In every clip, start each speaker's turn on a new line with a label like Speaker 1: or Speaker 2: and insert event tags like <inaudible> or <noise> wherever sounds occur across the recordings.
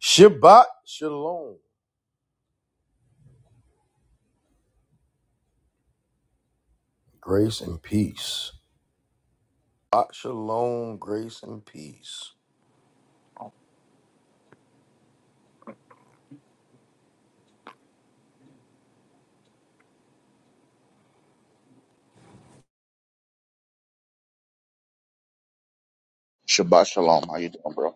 Speaker 1: Shabbat shalom. Grace and peace. Shabbat shalom. Grace and peace.
Speaker 2: Shabbat shalom. How you doing, bro?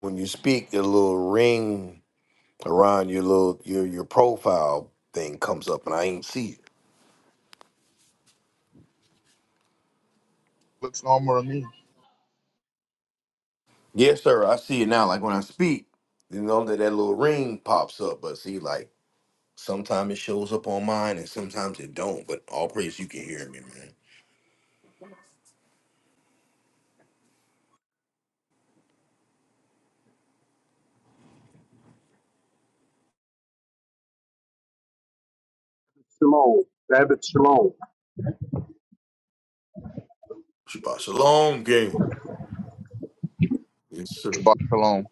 Speaker 1: When you speak, your little ring around your little your your profile thing comes up, and I ain't see it.
Speaker 2: Looks normal to me.
Speaker 1: Yes, sir. I see it now. Like when I speak, you know that that little ring pops up. But see, like sometimes it shows up on mine, and sometimes it don't. But all praise, you can hear me, man.
Speaker 3: Shalom, David Shalom,
Speaker 1: Shabbat shalom, gang. Yes, sir.
Speaker 2: Shabbat shalom.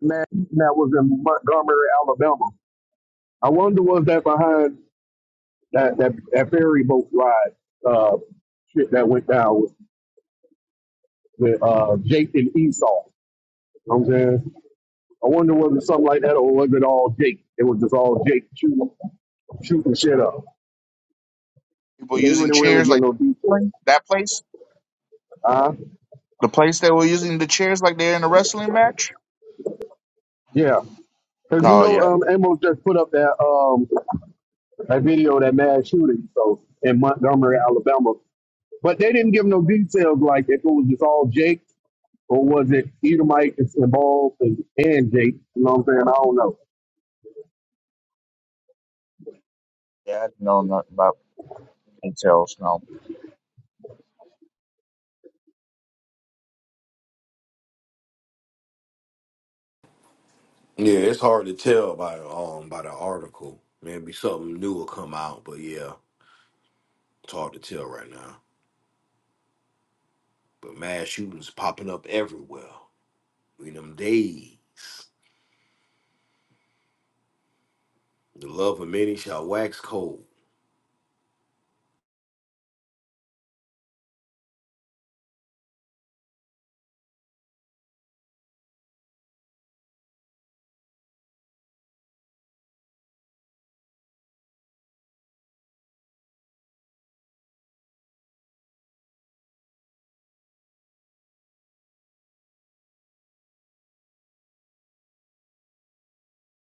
Speaker 3: man that was in Montgomery, Alabama. I wonder was that behind that that, that ferry boat ride uh, shit that went down with, with uh, Jake and Esau. You know what I'm saying, I wonder was it something like that or was it all Jake? It was just all Jake shooting, shooting shit up.
Speaker 2: People
Speaker 3: They
Speaker 2: using
Speaker 3: weren't really
Speaker 2: chairs
Speaker 3: get
Speaker 2: like
Speaker 3: no detail.
Speaker 2: that place,
Speaker 3: Uh,
Speaker 2: the place that were using the chairs like they're in a wrestling match.
Speaker 3: yeah, because you
Speaker 2: Oh
Speaker 3: know
Speaker 2: yeah,
Speaker 3: um, Amos just put up that um, that video of that mass shooting so in Montgomery, Alabama. But they didn't give no details like if it was just all Jake or was it Edomite that's involved and, and Jake. You know what I'm saying? I don't know.
Speaker 2: yeah. I didn't know nothing about details. No,
Speaker 1: Yeah, it's hard to tell by the um by the article. Maybe something new will come out, but yeah, it's hard to tell right now. But mass shootings popping up everywhere. In them days, the love of many shall wax cold.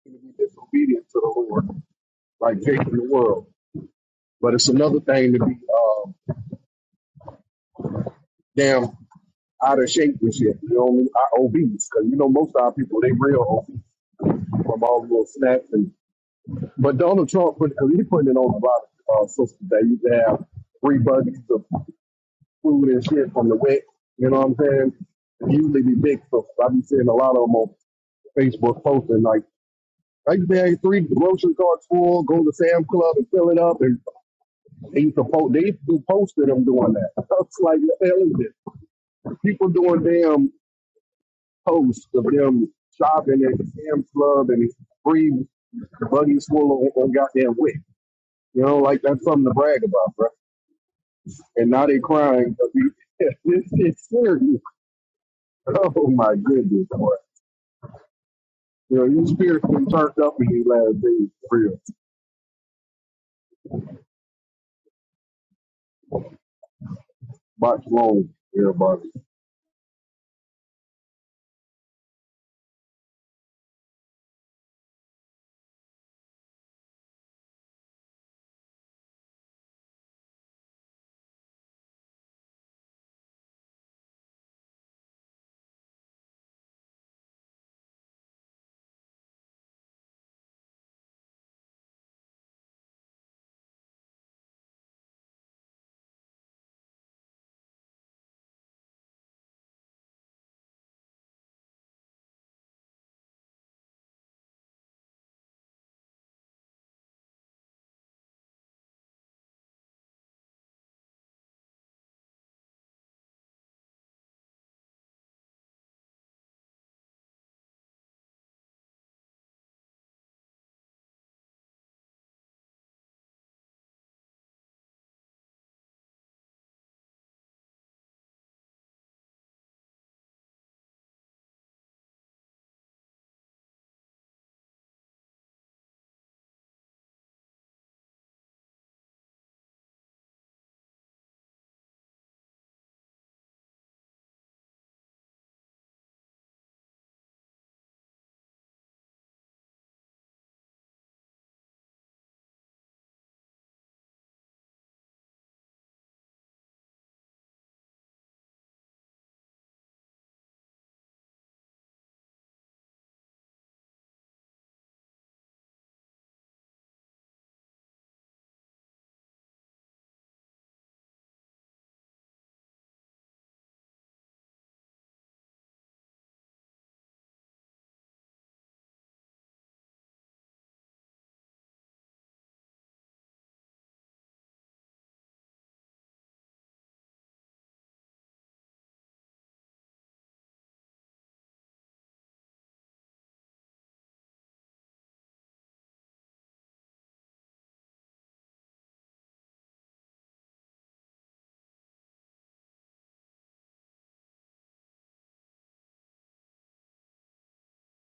Speaker 3: To be disobedient to the Lord, like Jake in the world. But it's another thing to be uh, damn out of shape and shit. You know what I mean? I, obese. Because you know most of our people, they real obese from all the little snacks. And, but Donald Trump, put, cause he putting it on the bottom uh, system that you have free budgets of food and shit from the wet. You know what I'm saying? They usually be big folks. I be seeing a lot of them on Facebook posting like, I used to have three grocery carts full, go to Sam's Club and fill it up, and they used to post. They used to do posts of them doing that. <laughs> It's like, what the hell is this? People doing damn posts of them shopping at Sam's Club and free buggies full of on goddamn wick. You know, like that's something to brag about, bro. And now they crying, <laughs> we- it's, it's serious. <laughs> Oh my goodness, boy. Yeah, your spirit been turned up in these last days, for real. Watch long, everybody.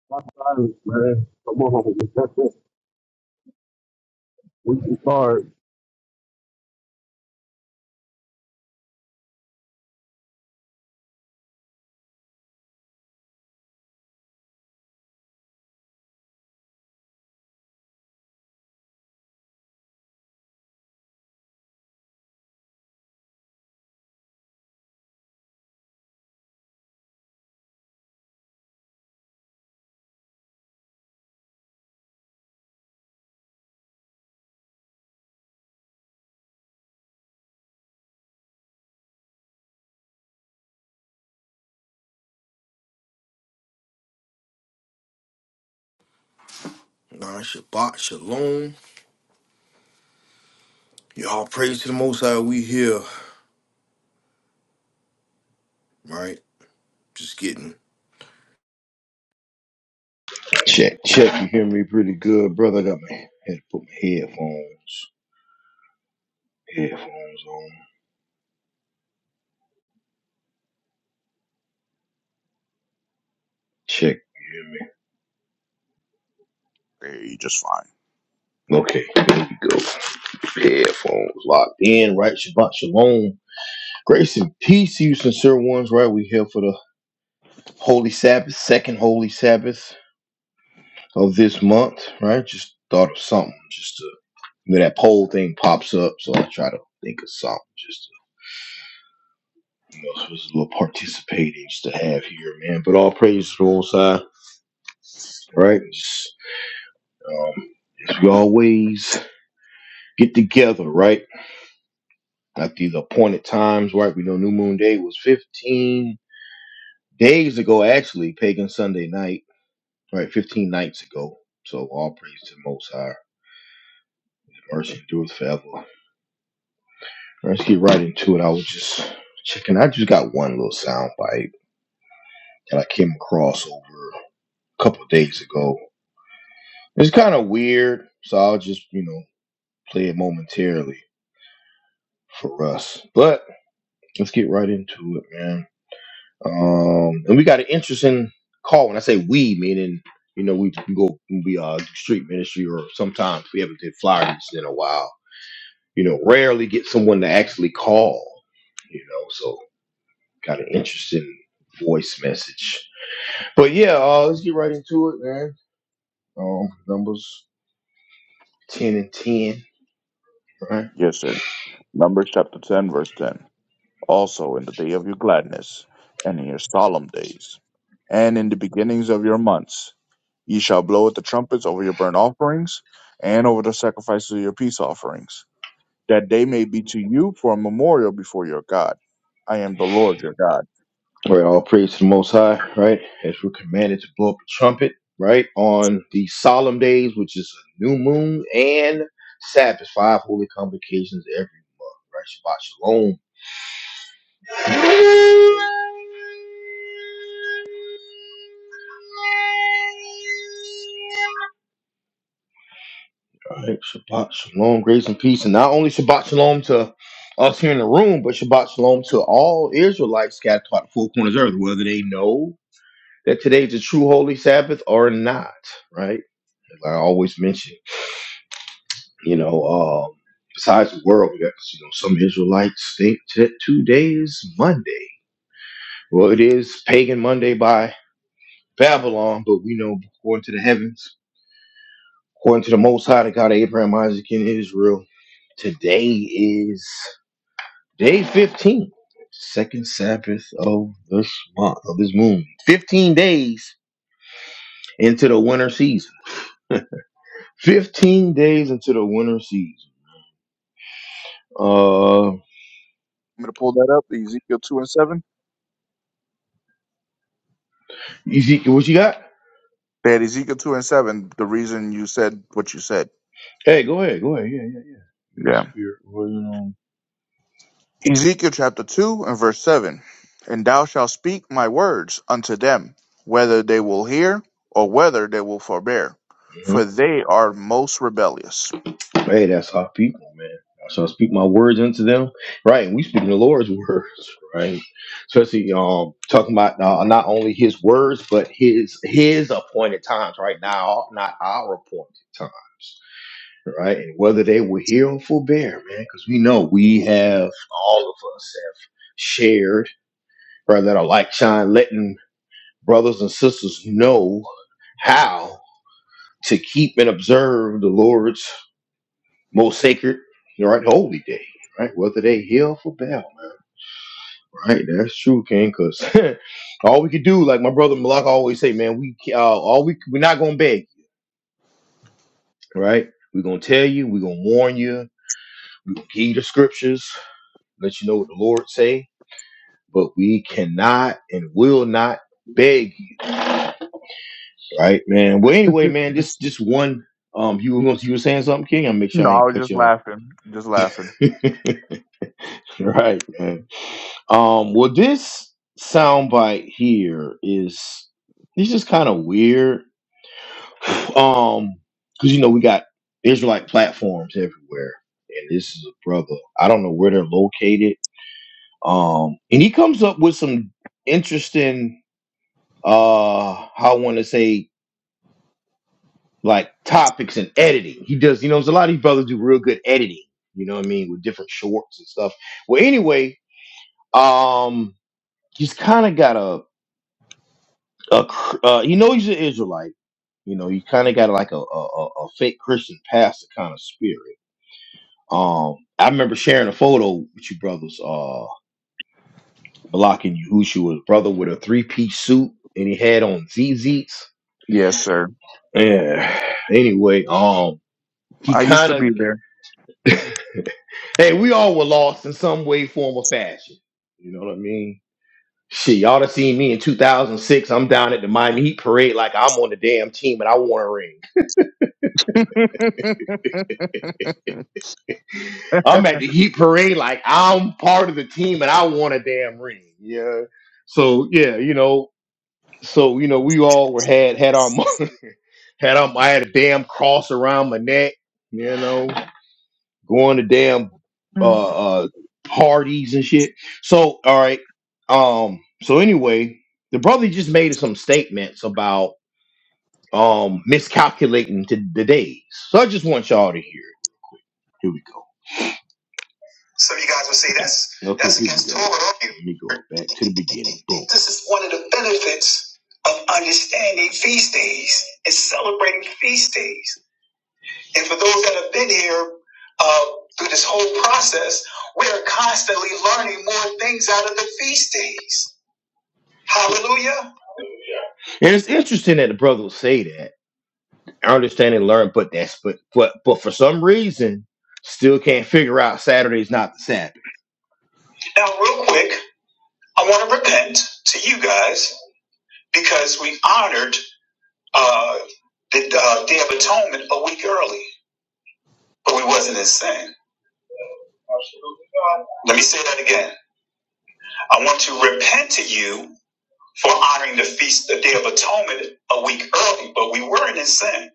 Speaker 3: Watch silence, man. Come on, <laughs> we can start.
Speaker 1: Nah, Shabbat Shalom. Y'all praise to the Most High. We here, right? Just getting Check, check. You hear me pretty good, brother? Got me. Had to put my headphones, headphones on. Check. You hear
Speaker 2: Okay, you just fine.
Speaker 1: me? Okay. There we go. The Headphones locked in, right? Shabbat shalom. Grace and peace to you, sincere ones, right? We here for the Holy Sabbath, second Holy Sabbath of this month, right? Just thought of something, just to, you know, that poll thing pops up, so I try to think of something, just to, you know, just a little participating just to have here, man. But all praise to the Most High, right? Just, um, as we always get together, right? At these appointed times, right? We know New Moon Day was 15. days ago, actually, Pagan Sunday night, right, 15 nights ago. So all praise to the Most High. The mercy endures forever. All right, Let's get right into it. I was just checking. I just got one little sound bite that I came across over a couple of days ago. It's kind of weird, so I'll just, you know, play it momentarily for us. But let's get right into it, man. Um, and we got an interesting call. When I say we, meaning you know we can go we uh street ministry or sometimes we haven't did flyer meetings in a while. You know, rarely get someone to actually call. You know, so got an interesting voice message. But yeah, uh, let's get right into it, man. Um, numbers ten and ten. right?
Speaker 2: Yes, sir. Numbers chapter ten, verse ten. Also, in the day of your gladness, and in your solemn days, and in the beginnings of your months, ye shall blow at the trumpets over your burnt offerings, and over the sacrifices of your peace offerings. that they may be to you for a memorial before your God. I am the Lord your God.
Speaker 1: All right, all praise to the Most High, right? As we're commanded to blow up the trumpet, right? On the solemn days, which is a new moon and Sabbath, five holy convocations every month, right? Shabbat Shalom. All right, Shabbat Shalom, grace and peace. And not only Shabbat Shalom to us here in the room, but Shabbat Shalom to all Israelites scattered throughout the four corners of the earth, whether they know that today's a true holy Sabbath or not, right? As I always mention. You know, um, besides the world, we got you know some Israelites think that today is Monday. Well, it is pagan Monday by Babylon, but we know according to the heavens, according to the Most High, the God of Abraham, Isaac, and Israel, today is day 15 second sabbath of this month of this moon 15 days into the winter season 15 days into the winter season uh
Speaker 2: I'm going to pull that up, Ezekiel 2 and 7.
Speaker 1: ezekiel what you got
Speaker 2: They had Ezekiel 2 and 7, the reason you said what you said.
Speaker 1: Hey, go ahead, go ahead. Yeah, yeah, yeah. You the
Speaker 2: Yeah.
Speaker 1: spirit, well, you know.
Speaker 2: Ezekiel chapter 2 and verse 7. And thou shalt speak my words unto them, whether they will hear or whether they will forbear, for
Speaker 1: hmm
Speaker 2: they are most rebellious.
Speaker 1: Hey, that's our people, man. So I speak my words unto them, right? And we speak the Lord's <laughs> words, right? Especially um talking about uh, not only His words, but His His appointed times, right? Now, not our appointed times, right? And whether they were here or forbear, man, because we know we have all of us have shared, right? That are like shine, letting brothers and sisters know how. to keep and observe the Lord's most sacred, right, holy day, right? Whether they hail for bell, man, right? That's true, King, because <laughs> all we could do, like my brother Malak always say, man, we uh, all we we're not gonna beg, right? We're gonna tell you, we're gonna warn you, we're gonna give you the scriptures, let you know what the Lord say, but we cannot and will not beg you, right, man? Well,
Speaker 2: <laughs>
Speaker 1: anyway,
Speaker 2: no,
Speaker 1: man,
Speaker 2: I
Speaker 1: just just one. Um, you were gonna you were saying something, King? I'll make sure I ain't
Speaker 2: was
Speaker 1: cut
Speaker 2: just
Speaker 1: you
Speaker 2: laughing. Just laughing.
Speaker 1: off. <laughs> <laughs> Right, man. Um, well, this soundbite here is it's just kind of weird. <laughs> Um, because you know we got Israelite platforms everywhere, and this is a brother. I don't know where they're located. Um, and he comes up with some interesting, uh, I want to say, like topics and editing. He does, you know, there's a lot of these brothers do real good editing. You know what I mean, with different shorts and stuff. Well, anyway, um, he's kind of got a a cr- uh, you know he's an Israelite. You know, he kind of got like a, a a a fake Christian pastor kind of spirit. Um, I remember sharing a photo with you brothers, uh, Malak and Yehusha brother with a three piece suit and he had on ZZs.
Speaker 2: Yes, sir.
Speaker 1: Yeah. Anyway, um, he
Speaker 2: I used to be
Speaker 1: kind of, <laughs> hey, we all were lost in some way, form, or fashion. You know what I mean? Shit, y'all have seen me in 2006. I'm down at the Miami Heat parade like I'm on the damn team and I want a ring. I'm at the Heat Parade, like I'm part of the team and I want a damn ring. Yeah. So yeah, you know, so you know, we all were had had our mo- <laughs> had our I had a damn cross around my neck, you know, going to damn
Speaker 2: there.
Speaker 1: uh uh parties and shit. So all right. Um so anyway, the brother just made some statements about um miscalculating to the days. So I just want y'all to hear. it. Here we go. Some of you guys would say that's Okay, that's against go. Torah. Let me go back to the beginning. Boom. This is one of the benefits of understanding feast days and celebrating feast days. And for those that have been here uh, through this whole process, we are constantly learning more things out of the feast days. Hallelujah. And it's interesting that the brother would say that. I understand and learn, but that's but but but for some reason, still can't figure out Saturday's not the Sabbath. Now, real quick. I want to repent to you guys because we honored uh, the uh, Day of Atonement a week early, but we wasn't in sin. Let me say that again. I want to repent to you for honoring the feast, the Day of Atonement, a week early, but we weren't in sin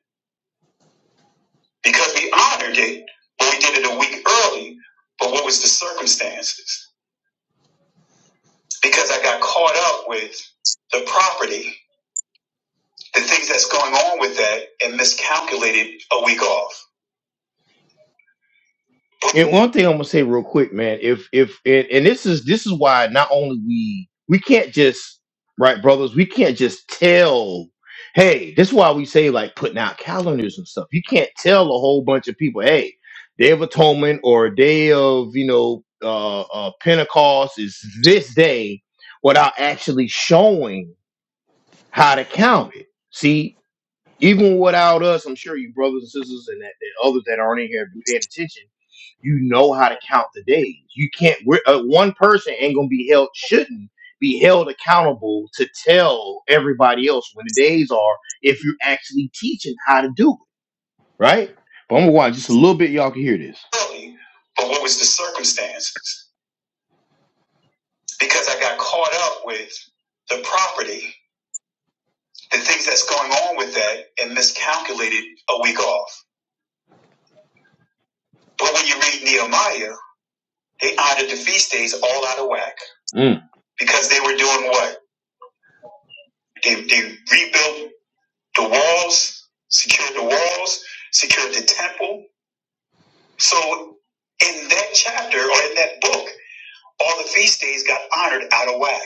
Speaker 1: because we honored it, but we did it a week early. But what was the circumstances? Because I got caught up with the property, the things that's going on with that, and miscalculated a week off. And one thing I'm gonna say real quick, man. If if and, and this is this is why not only we we can't just right, brothers. We can't just tell. Hey, this is why we say like putting out calendars and stuff. You can't tell a whole bunch of people, hey, Day of Atonement or Day of you know uh, uh, Pentecost is this day, without actually showing how to count it. See, even without us, I'm sure you brothers and sisters and that, that others that aren't in here have been paying attention. You know how to count the days. You can't. We're, uh, one person ain't gonna be held. Shouldn't be held accountable to tell everybody else when the days are if you're actually teaching how to do it, right? But I'm gonna watch just a little bit. Y'all can hear this. Really, But what was the circumstances? Because I got caught up with the property, the things that's going on with that, and miscalculated a week off. But when you read Nehemiah, they honored the feast days all out of whack. Mm. Because they were doing what? They, they rebuilt the walls, secured the walls, secured the temple. So in that chapter or in that book, all the feast days got honored out of whack.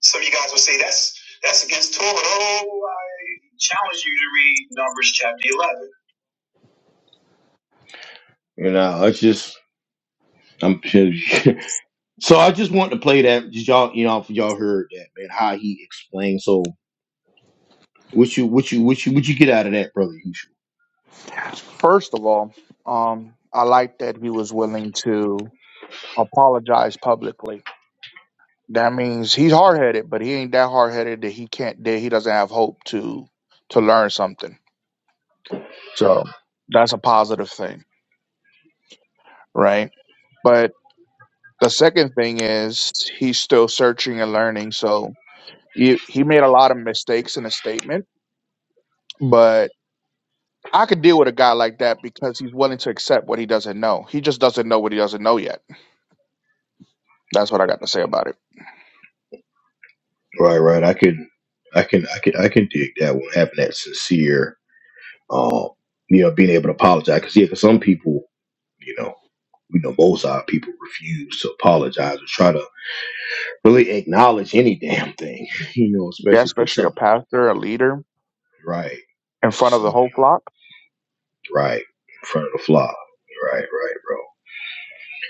Speaker 1: Some of you guys will say that's that's against Torah. Oh, I challenge you to read Numbers chapter eleven. You know, I just I'm <laughs> So I just want to play that. Just y'all, you know, if y'all heard that, man. How he explained. So what you, what you, what you, what you get out of that, brother? Usual.
Speaker 2: First of all, um, I like that he was willing to apologize publicly. That means he's hard headed, but he ain't that hard headed that he can't that he doesn't have hope to to learn something. So that's a positive thing, right? But the second thing is he's still searching and learning. So he, he made a lot of mistakes in his statement, but I could deal with a guy like that because he's willing to accept what he doesn't know. He just doesn't know what he doesn't know yet. That's what I got to say about it.
Speaker 1: Right, right. I can, I can, I can, I can dig that one. Having that sincere, um, you know, being able to apologize. Because yeah, for some people, you know, we know most of our people refuse to apologize or try to really acknowledge any damn thing. <laughs> You know,
Speaker 2: Yeah,
Speaker 1: especially for
Speaker 2: especially a
Speaker 1: something.
Speaker 2: pastor, a leader
Speaker 1: Right.
Speaker 2: in
Speaker 1: This is
Speaker 2: front of the
Speaker 1: something you
Speaker 2: whole flock.
Speaker 1: know, right in front of the flaw. Right, right, bro.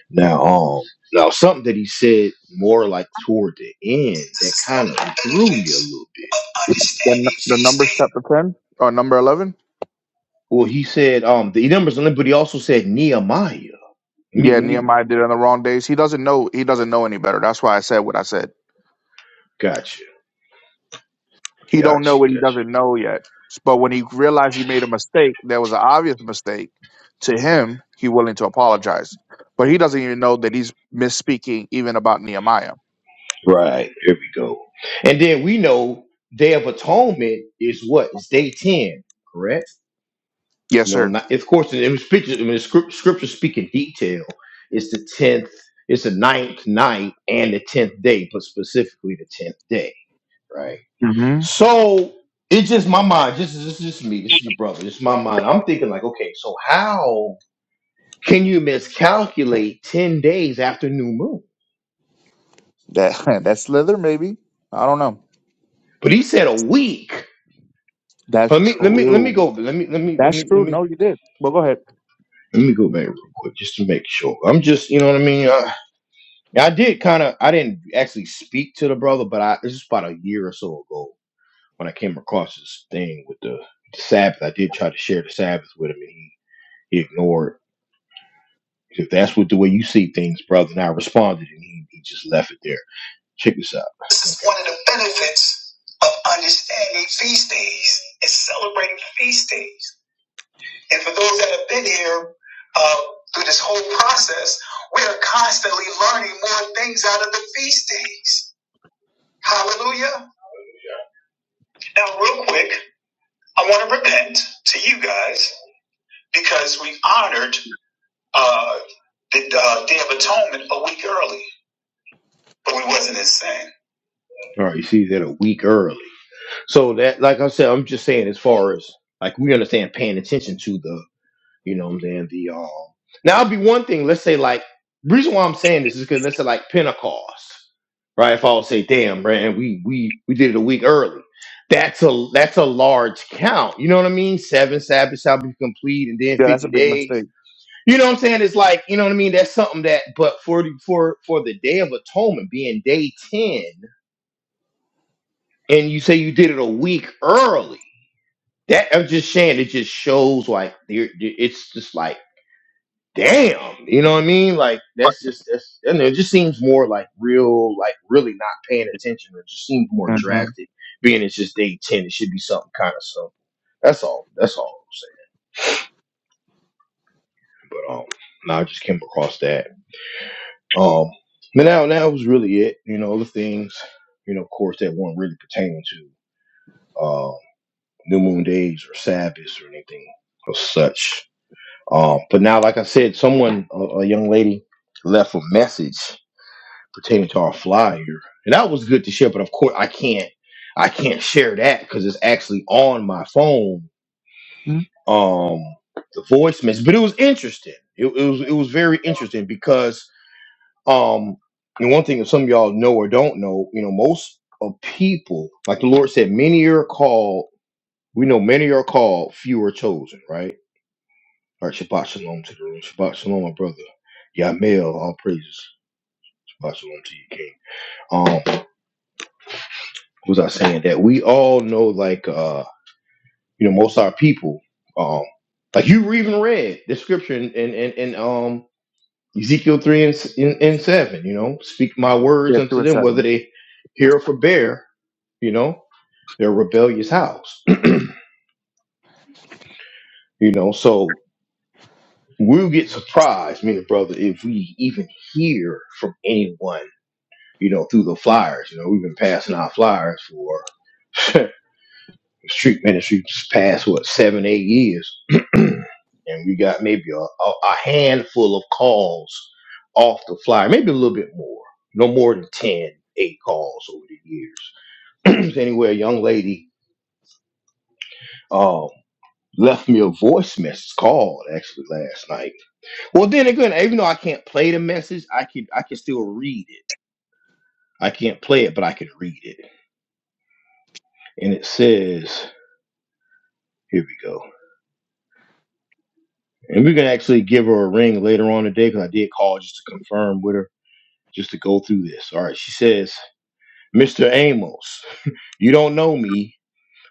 Speaker 1: Now, um, now something that he said more like toward the end that kind of threw me a little bit.
Speaker 2: The, n- the Numbers chapter ten or number eleven.
Speaker 1: Well, he said, um, the numbers, but he also said Nehemiah. Let me,
Speaker 2: Yeah,
Speaker 1: let me,
Speaker 2: Nehemiah did it on the wrong days. He doesn't know. He doesn't know any better. That's why I said what I said.
Speaker 1: gotcha,
Speaker 2: He don't know
Speaker 1: gotcha,
Speaker 2: what he
Speaker 1: gotcha.
Speaker 2: doesn't know yet. But when he realized he made a mistake, there was an obvious mistake to him. He willing to apologize, but he doesn't even know that he's misspeaking even about Nehemiah.
Speaker 1: Right, here we go. And then we know Day of Atonement is what? It's day 10, correct?
Speaker 2: Yes,
Speaker 1: You know,
Speaker 2: sir.
Speaker 1: not, of course, in the scripture, I mean, scrip- scripture speak in detail. It's the tenth, it's the ninth night and the tenth day, but specifically the tenth day, right?
Speaker 2: hmm
Speaker 1: So it's just my mind. This is this is just me. This is your brother. This is my mind. I'm thinking like, okay, so how can you miscalculate ten days after new moon?
Speaker 2: That <laughs> that's Slither, maybe. I don't know.
Speaker 1: But he said a week.
Speaker 2: That's
Speaker 1: Let me let me let me
Speaker 2: true.
Speaker 1: go. Let me let me let
Speaker 2: That's
Speaker 1: me let
Speaker 2: true.
Speaker 1: me
Speaker 2: No, you did. Well, go ahead.
Speaker 1: let me go back real quick just to make sure. I'm just you know what I mean. Yeah, I did kind of. I didn't actually speak to the brother, but I this was about a year or so ago when I came across this thing with the the Sabbath. I did try to share the Sabbath with him, and he he ignored. If that's what the way you see things, brother, and I responded, and he he just left it there. Check this out. This is one of the benefits of understanding feast days and celebrating feast days. And for those that have been here uh, through this whole process, we are constantly learning more things out of the feast days Hallelujah. Now, real quick, I want to repent to you guys because we honored uh, the uh, Day of Atonement a week early, but we wasn't in sin. All right, you see that a week early. So that, like I said, I'm just saying as far as like we understand paying attention to the You know what I'm saying? The um now it'd be one thing, let's say like reason why I'm saying this is because let's say like Pentecost, right? If I would say, damn, man, we we we did it a week early. That's a that's a large count. You know what I mean? Seven Sabbaths shall be complete and then
Speaker 2: Yeah, that's a
Speaker 1: 50
Speaker 2: big
Speaker 1: days.
Speaker 2: mistake.
Speaker 1: You know what I'm saying? It's like, you know what I mean? That's something that but for the- for for the day of atonement being day 10, and you say you did it a week early. That I'm just saying, it just shows like there- it's just like damn, you know what I mean? Like that's just that's and it just seems more like real, like really not paying attention. It just seems more
Speaker 2: Mm-hmm.
Speaker 1: drastic. Being it's just day ten, it should be something kind of simple. That's all. That's all I'm saying. But um, no, I just came across that. Um, but now that was really it. You know, other things, you know, of course, that weren't really pertaining to um new moon days or Sabbaths or anything or such. Um, but now, like I said, someone, a, a young lady, left a message pertaining to our flyer, and that was good to share. But of course, I can't, I can't share that because it's actually on my phone. Um, the voice message, but it was interesting. It, it was it was very interesting because um, and one thing that some of y'all know or don't know, you know, most of people, like the Lord said, many are called. We know many are called, few are chosen. Right. All right. Shabbat shalom to the room. Shabbat shalom, my brother. Yamil, all praises. Shabbat shalom to you, King. Um, was I saying that we all know, like uh, you know, most of our people, um, like you even read the scripture in in, in, in um Ezekiel three and, s- and and seven. You know, speak my words
Speaker 2: Yeah, two
Speaker 1: unto
Speaker 2: and
Speaker 1: them, whether
Speaker 2: seven.
Speaker 1: they hear or forbear. You know, their rebellious house. <clears throat> you know, so we'll get surprised, me and the brother, if we even hear from anyone. You know, through the flyers. You know, we've been passing out flyers for <laughs> street ministry just past what seven, eight years. <clears throat> and we got maybe a, a, a handful of calls off the fly, maybe a little bit more, no more than ten, eight calls over the years. <clears throat> So anyway, a young lady um, left me a voice message called actually last night. Well, then again, even though I can't play the message, I can I can still read it. I can't play it, but I can read it. And it says, here we go. And we're gonna actually give her a ring later on today because I did call just to confirm with her, just to go through this. All right, she says. Mr. Amos, you don't know me,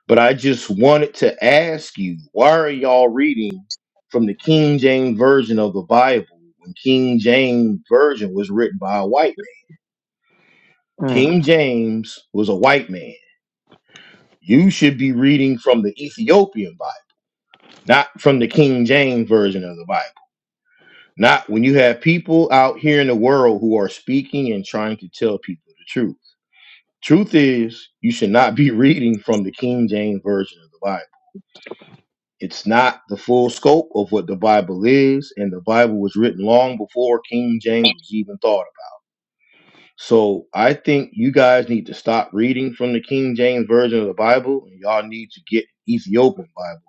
Speaker 1: but I just wanted to ask you why are y'all reading from the King James Version of the Bible when King James Version was written by a white man?
Speaker 2: Mm.
Speaker 1: King James was a white man. You should be reading from the Ethiopian Bible, not from the King James Version of the Bible. Not when you have people out here in the world who are speaking and trying to tell people the truth. Truth is, you should not be <laughs> reading from the King James Version of the Bible It's not the full scope of what the Bible is, and the Bible was written long before King James was even thought about. So I think you guys need to stop reading from the King James version of the Bible, and y'all need to get Ethiopian Bible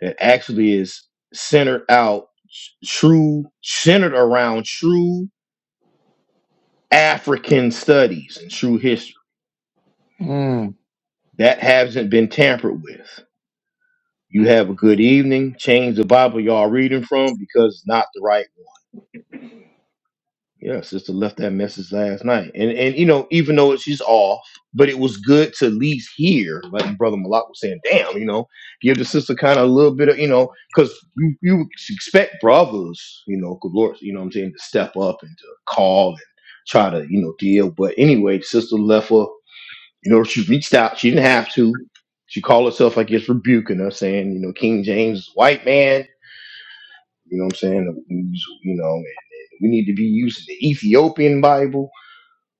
Speaker 1: that actually is centered out true, centered around true African studies and true history
Speaker 2: Mm.
Speaker 1: that hasn't been tampered with. You have a good evening. Change the Bible y'all reading from because it's not the right. Yeah, sister left that message last night, and and you know, even though it- she's off, but it was good to at least hear, like brother Malak was saying, damn, you know, give the sister kind of a little bit of, you know, because you, you expect brothers, you know, good lord, you know, what I'm saying, to step up and to call and try to, you know, deal. But anyway, the sister left her, you know, she reached out, she didn't have to. She called herself, I guess, rebuking her, saying, you know, King James is a white man you know what I'm saying? we use- You know, and, and we need to be using the Ethiopian Bible.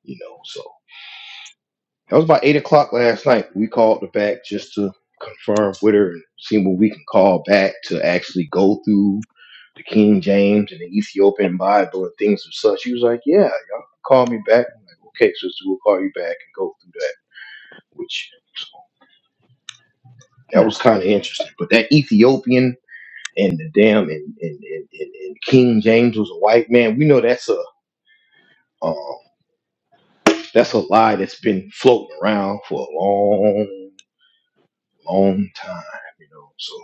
Speaker 1: You know, so that was about eight o'clock last night. We called her back just to confirm with her and see what we can call back to actually go through the King James and the Ethiopian Bible and things of such. She was like, "Yeah, y'all can call me back." I'm like, "Okay, sister, we'll call you back and go through that." Which so that was kind of interesting. But that Ethiopian and the damn and, and, and, and, and King James was a white man. We know that's a um, That's a lie that's been floating around for a long, long time, you know. So,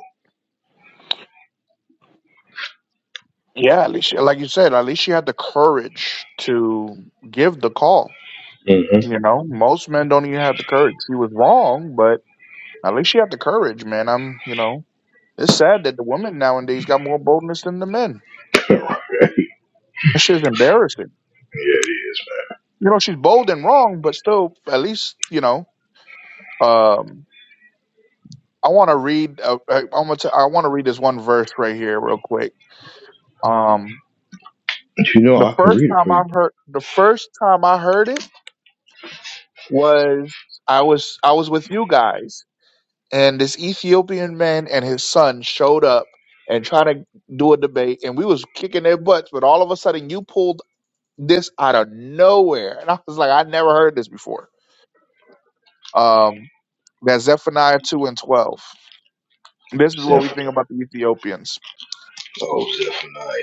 Speaker 2: Yeah, at least, like you said, at least she had the courage to give the call.
Speaker 1: hmm
Speaker 2: You know, most men don't even have the courage. She was wrong, but at least she had the courage, man. I'm, you know, it's sad that the women nowadays got more boldness than the men.
Speaker 1: <laughs> yeah,
Speaker 2: This shit's embarrassing.
Speaker 1: it is.
Speaker 2: You know, she's bold and wrong, but still, at least, you know, um, I want to read. Uh, uh, I'm gonna t- I want to read this one verse right here, real quick. Um,
Speaker 1: But you know,
Speaker 2: the
Speaker 1: I can
Speaker 2: first
Speaker 1: read it
Speaker 2: time
Speaker 1: for you,
Speaker 2: I
Speaker 1: bro.
Speaker 2: heard the first time I heard it was I was I was with you guys, and this Ethiopian man and his son showed up and trying to do a debate, and we was kicking their butts, but all of a sudden you pulled this out of nowhere, and I was like, I never heard this before. Um, that's Zephaniah two and twelve. This is what we think
Speaker 1: Zephaniah.
Speaker 2: about the Ethiopians.
Speaker 1: Oh, Zephaniah.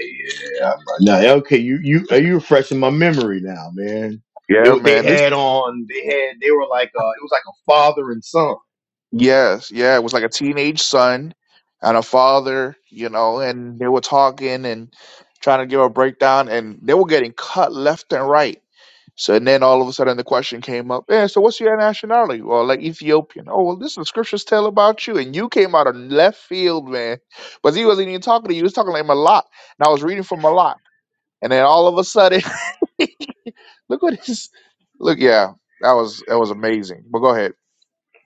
Speaker 1: Yeah. I'm- Now, okay, you you are you refreshing my memory now, man. It
Speaker 2: Yeah,
Speaker 1: wa- they
Speaker 2: man. This.
Speaker 1: had on they had they were like uh it was like a father and son.
Speaker 2: Yes, yeah, it was like a teenage son and a father, you know, and they were talking and trying to give a breakdown, and they were getting cut left and right. So and then all of a sudden the question came up, yeah, so what's your nationality? Well, like Ethiopian. Oh, well, this is the scriptures tell about you, and you came out of left field, man. But he wasn't even talking to you; he was talking like Malak, and I was reading from Malak, and then all of a sudden, <laughs> look what this, look, yeah, that was that was amazing. But go ahead.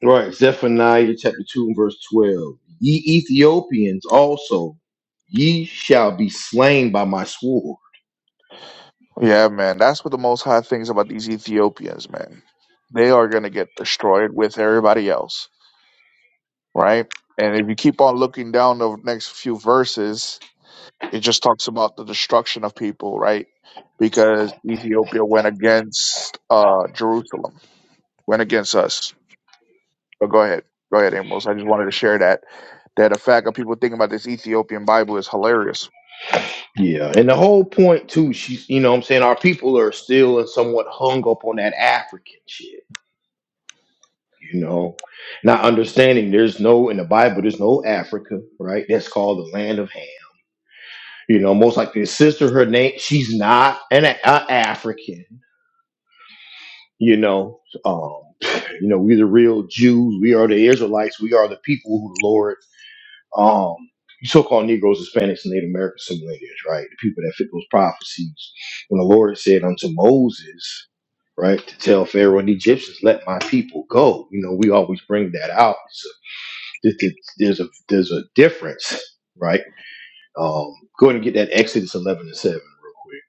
Speaker 1: Right, Zephaniah chapter 2 and verse 12. Ye Ethiopians also, ye shall be slain by my sword.
Speaker 2: Yeah, man. That's what the most high things about these Ethiopians, man. They are going to get destroyed with everybody else, right? And if you keep on looking down the next few verses, it just talks about the destruction of people, right? Because Ethiopia went against uh, Jerusalem, went against us. But go ahead. Go ahead, Amos. I just wanted to share that. That the fact of people thinking about this Ethiopian Bible is hilarious.
Speaker 1: Yeah, and the whole point too, she's you know what I'm saying our people are still somewhat hung up on that African shit, you know. Not understanding there's no in the Bible, there's no Africa, right? That's called the land of Ham. You know, most like the sister, her name, she's not an a, a African, you know. Um, you know, we the real Jews, we are the Israelites, we are the people who the Lord um, you so-called Negroes, Hispanics, and Native Americans, some lineage, right? The people that fit those prophecies. When the Lord said unto Moses, right, to tell Pharaoh and the Egyptians, "Let my people go." You know, we always bring that out. So th- th- there's a there's a difference, right? Um, go ahead and get that Exodus 11 and 7 real quick.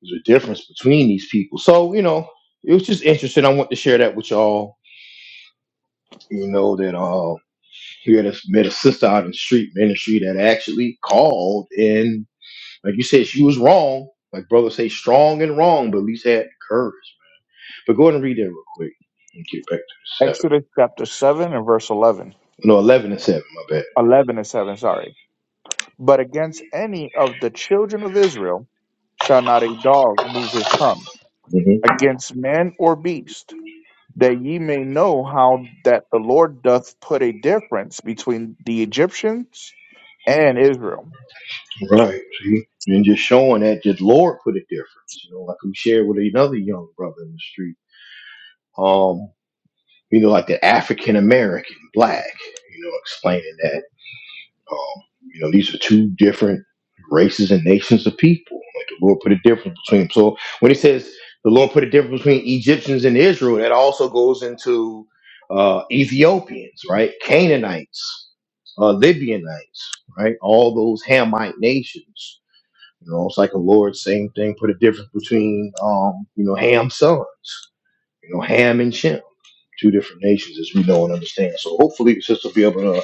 Speaker 1: There's a difference between these people. So you know, it was just interesting. I want to share that with y'all. You know that uh, we had a, met a sister out in the street ministry that actually called in Like you said, she was wrong. Like brother say, strong and wrong, but at least had courage. But go ahead and read that real quick and get back to the seven.
Speaker 2: Exodus chapter 7 and verse 11.
Speaker 1: No, eleven and seven. My bad.
Speaker 2: 11 and 7, sorry. But against any of the children of Israel shall not a dog move his tongue,
Speaker 1: hmm
Speaker 2: against man or beast, that ye may know how that the Lord doth put a difference between the Egyptians and Israel.
Speaker 1: Right. See, and just showing that just Lord put a difference. You know, like we shared with another young brother in the street. Um, you know, like the African American, black. You know, explaining that. Um, you know, these are two different races and nations of people. Like the Lord put a difference between them. So when it says the Lord put a difference between Egyptians and Israel, that also goes into uh, Ethiopians, right? Canaanites, uh, Libyanites, right? All those Hamite nations. You know, it's like the Lord, same thing, put a difference between, um, you know, Ham's sons, you know, Ham and Shem two different nations as we know and understand. So hopefully the sister will be able to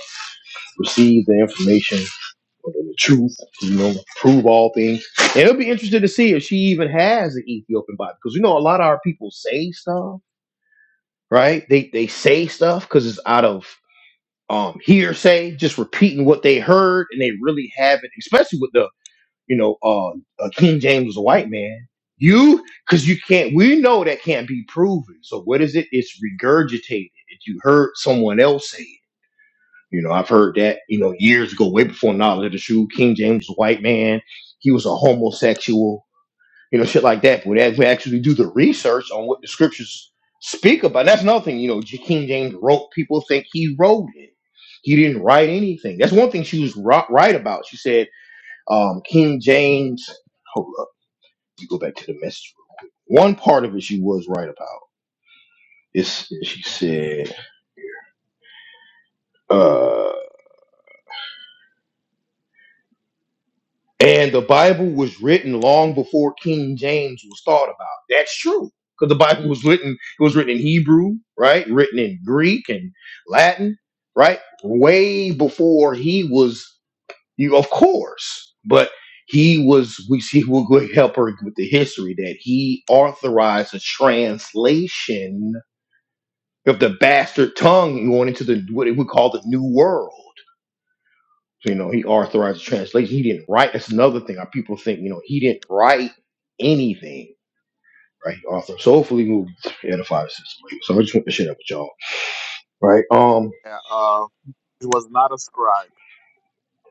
Speaker 1: receive the information but the truth, you know, prove all things. And it'll be interesting to see if she even has an Ethiopian Bible, because you know a lot of our people say stuff, right? They they say stuff because it's out of um hearsay, just repeating what they heard, and they really haven't. Especially with the you know uh, uh King James was a white man. You because you can't. We know that can't be proven. So what is it? It's regurgitated. If you heard someone else say it. You know, I've heard that, you know, years ago, way before Knowledge of the Shoe, King James was a white man. He was a homosexual, you know, shit like that. But as we actually do the research on what the scriptures speak about, that's another thing, you know, J- King James wrote, people think he wrote it. He didn't write anything. That's one thing she was ri- right about. She said, um, King James, hold up, you go back to the message. One part of it she was right about. It's, she said, uh, And the Bible was written long before King James was thought about. That's true. Because the Bible was written, it was written in Hebrew, right? Written in Greek and Latin, right? Way before he was, you of course, but he was, we see, <laughs> we'll go help her with the history that he authorized a translation of the bastard tongue going into the what we call the New World so, you know, he authorized the translation. He didn't write. That's another thing. Our people think, you know, he didn't write anything, right? He authored. So hopefully we'll edify the system. So I just want to share that with y'all. Right. Um,
Speaker 2: Yeah, Uh, he was not a scribe.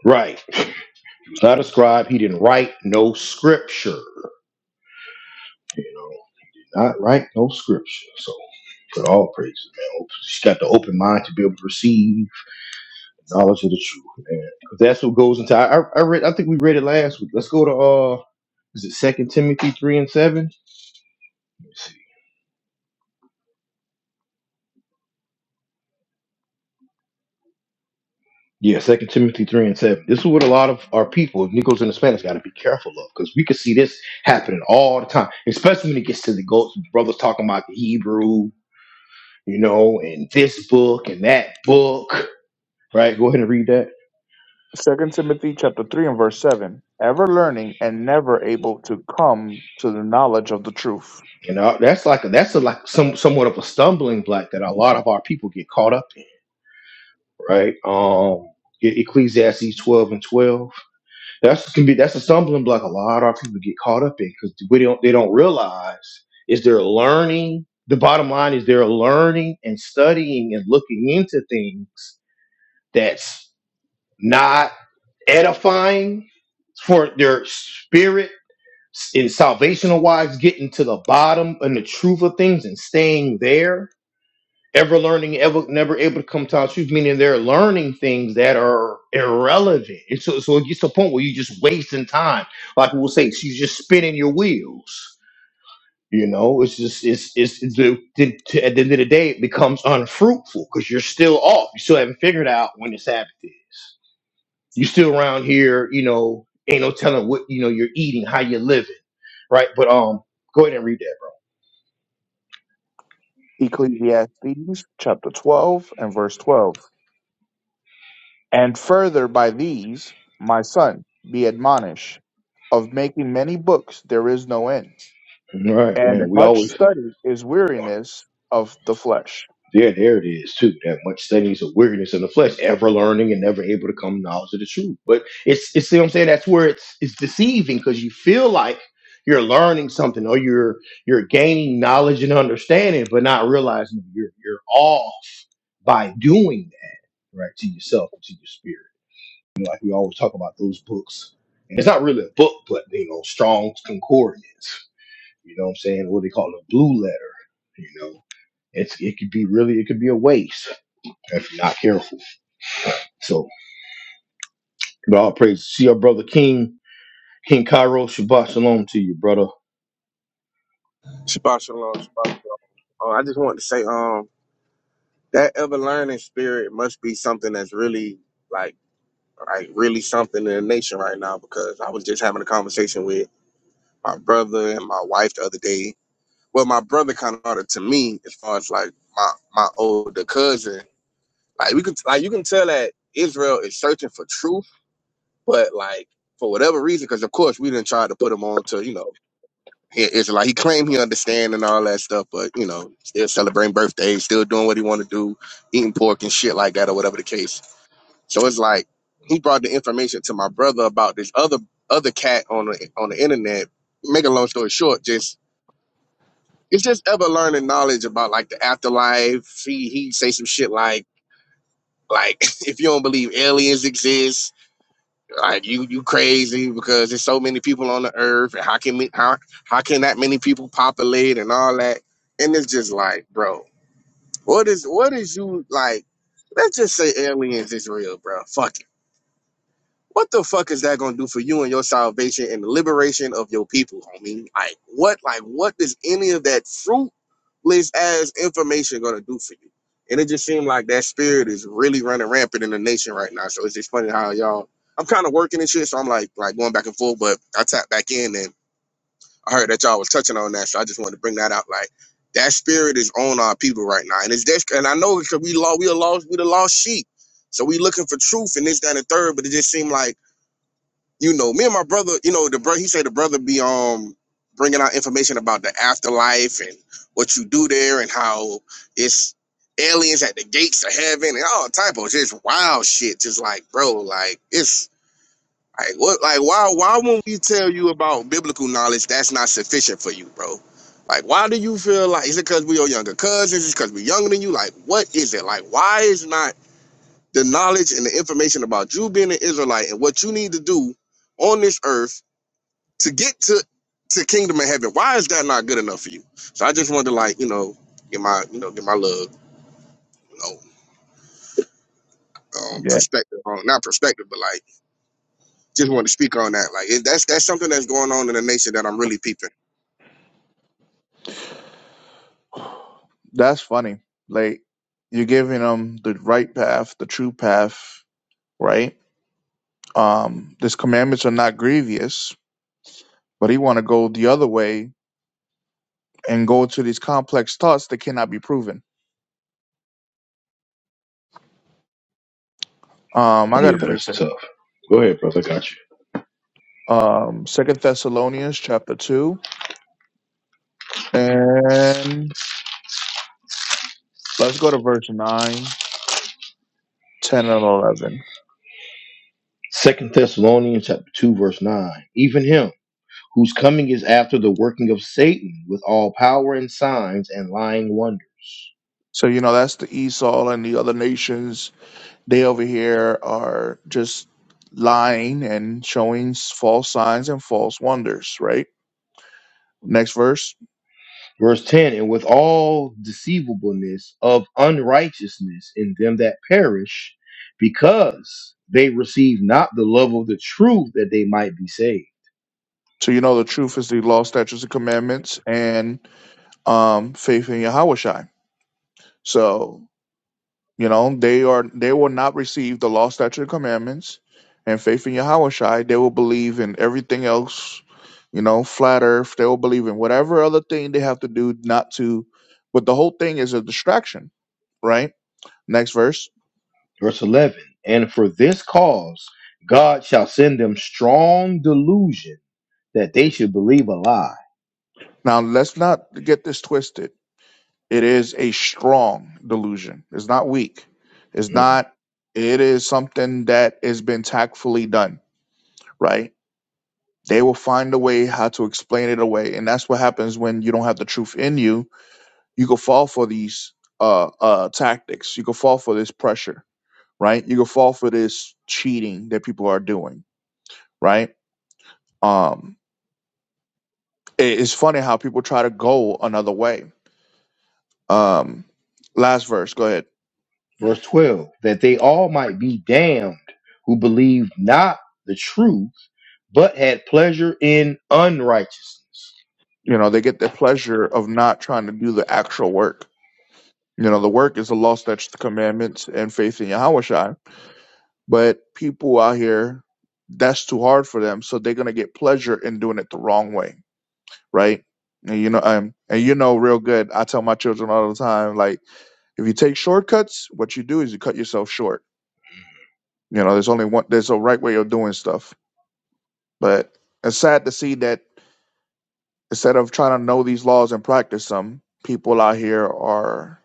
Speaker 1: right. He was not a scribe. He didn't write no scripture. You know, not write no scripture. So but all praises, man. Just got the open mind to be able to receive knowledge of the truth, man. 'Cause That's what goes into. I, I I read. I think we read it last week. Let's go to uh, is it Second Timothy three and seven? Yeah, Second Timothy three and seven. This is what a lot of our people, of Negroes and Hispanics, got to be careful of because we can see this happening all the time, especially when it gets to the goats. Brothers talking about the Hebrew, you know, and this book and that book, right? Go ahead and read that.
Speaker 2: Second Timothy chapter three and verse seven, ever learning and never able to come to the knowledge of the truth.
Speaker 1: You know, that's like a, that's a, like some somewhat of a stumbling block that a lot of our people get caught up in, right? Um, E- Ecclesiastes twelve and twelve. That's can be that's a stumbling block. A lot of our people get caught up in because we don't they don't realize is they're learning. The bottom line is they're learning and studying and looking into things that's not edifying for their spirit in salvational wise, getting to the bottom and the truth of things and staying there ever learning, ever never able to come to our truth, meaning they're learning things that are irrelevant. And so, so it gets to a point where you're just wasting time. Like we'll say, she's just spinning your wheels. You know, it's just it's it's, it's the, the, to, at the end of the day, it becomes unfruitful because you're still off. You still haven't figured out when the Sabbath is. You're still around here. You know, ain't no telling what you know you're eating, how you're living, right? But um, go ahead and read that. Bro.
Speaker 2: Ecclesiastes chapter twelve and verse twelve. And further by these, my son, be admonished, of making many books there is no end,
Speaker 1: All right,
Speaker 2: and
Speaker 1: man. We
Speaker 2: much
Speaker 1: always
Speaker 2: study is weariness of the flesh.
Speaker 1: There, there it is too. That much steadiness of weariness in the flesh, ever learning and never able to come to knowledge of the truth. But it's it's see what I'm saying. That's where it's it's deceiving because you feel like you're learning something or you're you're gaining knowledge and understanding, but not realizing you're you're off by doing that right to yourself and to your spirit. You know, like we always talk about those books. And it's not really a book, but you know, Strong's Concordance. You know what I'm saying? What they call a blue letter. You know it's it could be really it could be a waste if you're not careful. So, but all praise. See your brother King King Cairo Shabbat Shalom to you, brother.
Speaker 4: Shabbat shalom, Shabbat shalom. Uh, I just want to say, um, that ever learning spirit must be something that's really like, like really something in the nation right now. Because I was just having a conversation with my brother and my wife the other day. Well, my brother kind of brought it to me as far as like my my older cousin. Like we could, like you can tell that Israel is searching for truth, but like for whatever reason, because of course we didn't try to put them on to you know He- Israelite. He claimed he understand and all that stuff, but you know, still celebrating birthdays, still doing what he want to do, eating pork and shit like that, or whatever the case. So it's like he brought the information to my brother about this other other cat on the on the internet. Make a long story short, just it's just ever learning knowledge about like the afterlife. He he say some shit like like <laughs> if you don't believe aliens exist Like you, you crazy because there's so many people on the earth, and how can me, how how can that many people populate and all that? And it's just like, bro, what is what is you like? Let's just say aliens is real, bro. Fuck it. What the fuck is that gonna do for you and your salvation and the liberation of your people? I mean, like what like what does any of that fruitless ass information gonna do for you? And it just seemed like that spirit is really running rampant in the nation right now. So it's just funny how y'all I'm kind of working and shit, so I'm like like going back and forth, but I tapped back in and I heard that y'all was touching on that, so I just wanted to bring that out. Like that spirit is on our people right now. And it's this and I know because we lost we a lost we the lost sheep. So we looking for truth and this, that, and the third, but it just seemed like you know, me and my brother, you know, the brother, he said the brother be um bringing out information about the afterlife and what you do there and how it's aliens at the gates of heaven and all type of just wild shit. Just like, bro, like it's like what, like why, why won't we tell you about biblical knowledge that's not sufficient for you, bro? Like, why do you feel like is it because we are younger cousins? Is it because we're younger than you? Like, what is it? Like, why is not the knowledge and the information about you being an Israelite and what you need to do on this earth to get to to kingdom of heaven. Why is that not good enough for you? So I just wanted to like you know get my you know get my little, you know um,
Speaker 2: Yeah.
Speaker 4: perspective on not perspective but like just wanted to speak on that. Like it, that's that's something that's going on in the nation that I'm really peeping.
Speaker 2: That's funny. Like you're giving them the right path, the true path, right? Um, these commandments are not grievous, but he want to go the other way and go to these complex thoughts that cannot be proven. Um, I got
Speaker 1: Yeah,
Speaker 2: a
Speaker 1: that's
Speaker 2: preacher.
Speaker 1: tough. Go ahead, brother. I got you.
Speaker 2: Um, Second Thessalonians chapter two. And let's go to verse 9, 10, and 11.
Speaker 1: Second Thessalonians chapter two verse nine. Even him whose coming is after the working of Satan with all power and signs and lying wonders.
Speaker 2: So, you know, that's the Esau and the other nations. They over here are just lying and showing s- false signs and false wonders, right? Next verse.
Speaker 1: Verse 10 And with all deceivableness of unrighteousness in them that perish, because they receive not the love of the truth that they might be saved.
Speaker 2: So, you know, the truth is the law, statutes, and commandments and um, faith in Yahweh Shai. So, You know, they are they will not receive the law, statute, and commandments, and faith in Yahushai. They will believe in everything else. You know, flat Earth. They will believe in whatever other thing they have to do not to. But the whole thing is a distraction, right? Next verse.
Speaker 1: Verse 11 And for this cause God shall send them strong delusion that they should believe a lie.
Speaker 2: Now let's not get this twisted. It is a strong delusion. It's not weak. It's
Speaker 1: Mhm.
Speaker 2: not. It is something that has been tactfully done, right? They will find a way how to explain it away, and that's what happens when you don't have the truth in you. You can fall for these uh, uh, tactics. You can fall for this pressure, right? You can fall for this cheating that people are doing, right? Um, it- it's funny how people try to go another way. Um, last verse, go ahead.
Speaker 1: Verse 12 That they all might be damned who believed not the truth, but had pleasure in unrighteousness.
Speaker 2: You know, they get the pleasure of not trying to do the actual work. You know, the work is the law, statutes, the commandments, and faith in Yahweh Shai. But people out here, that's too hard for them. So they're gonna get pleasure in doing it the wrong way, right? And you know, um, and you know real good. I tell my children all the time, like, if you take shortcuts, what you do is you cut yourself short. You know, there's only one there's a right way of doing stuff. But it's sad to see that instead of trying to know these laws and practice them, people out here are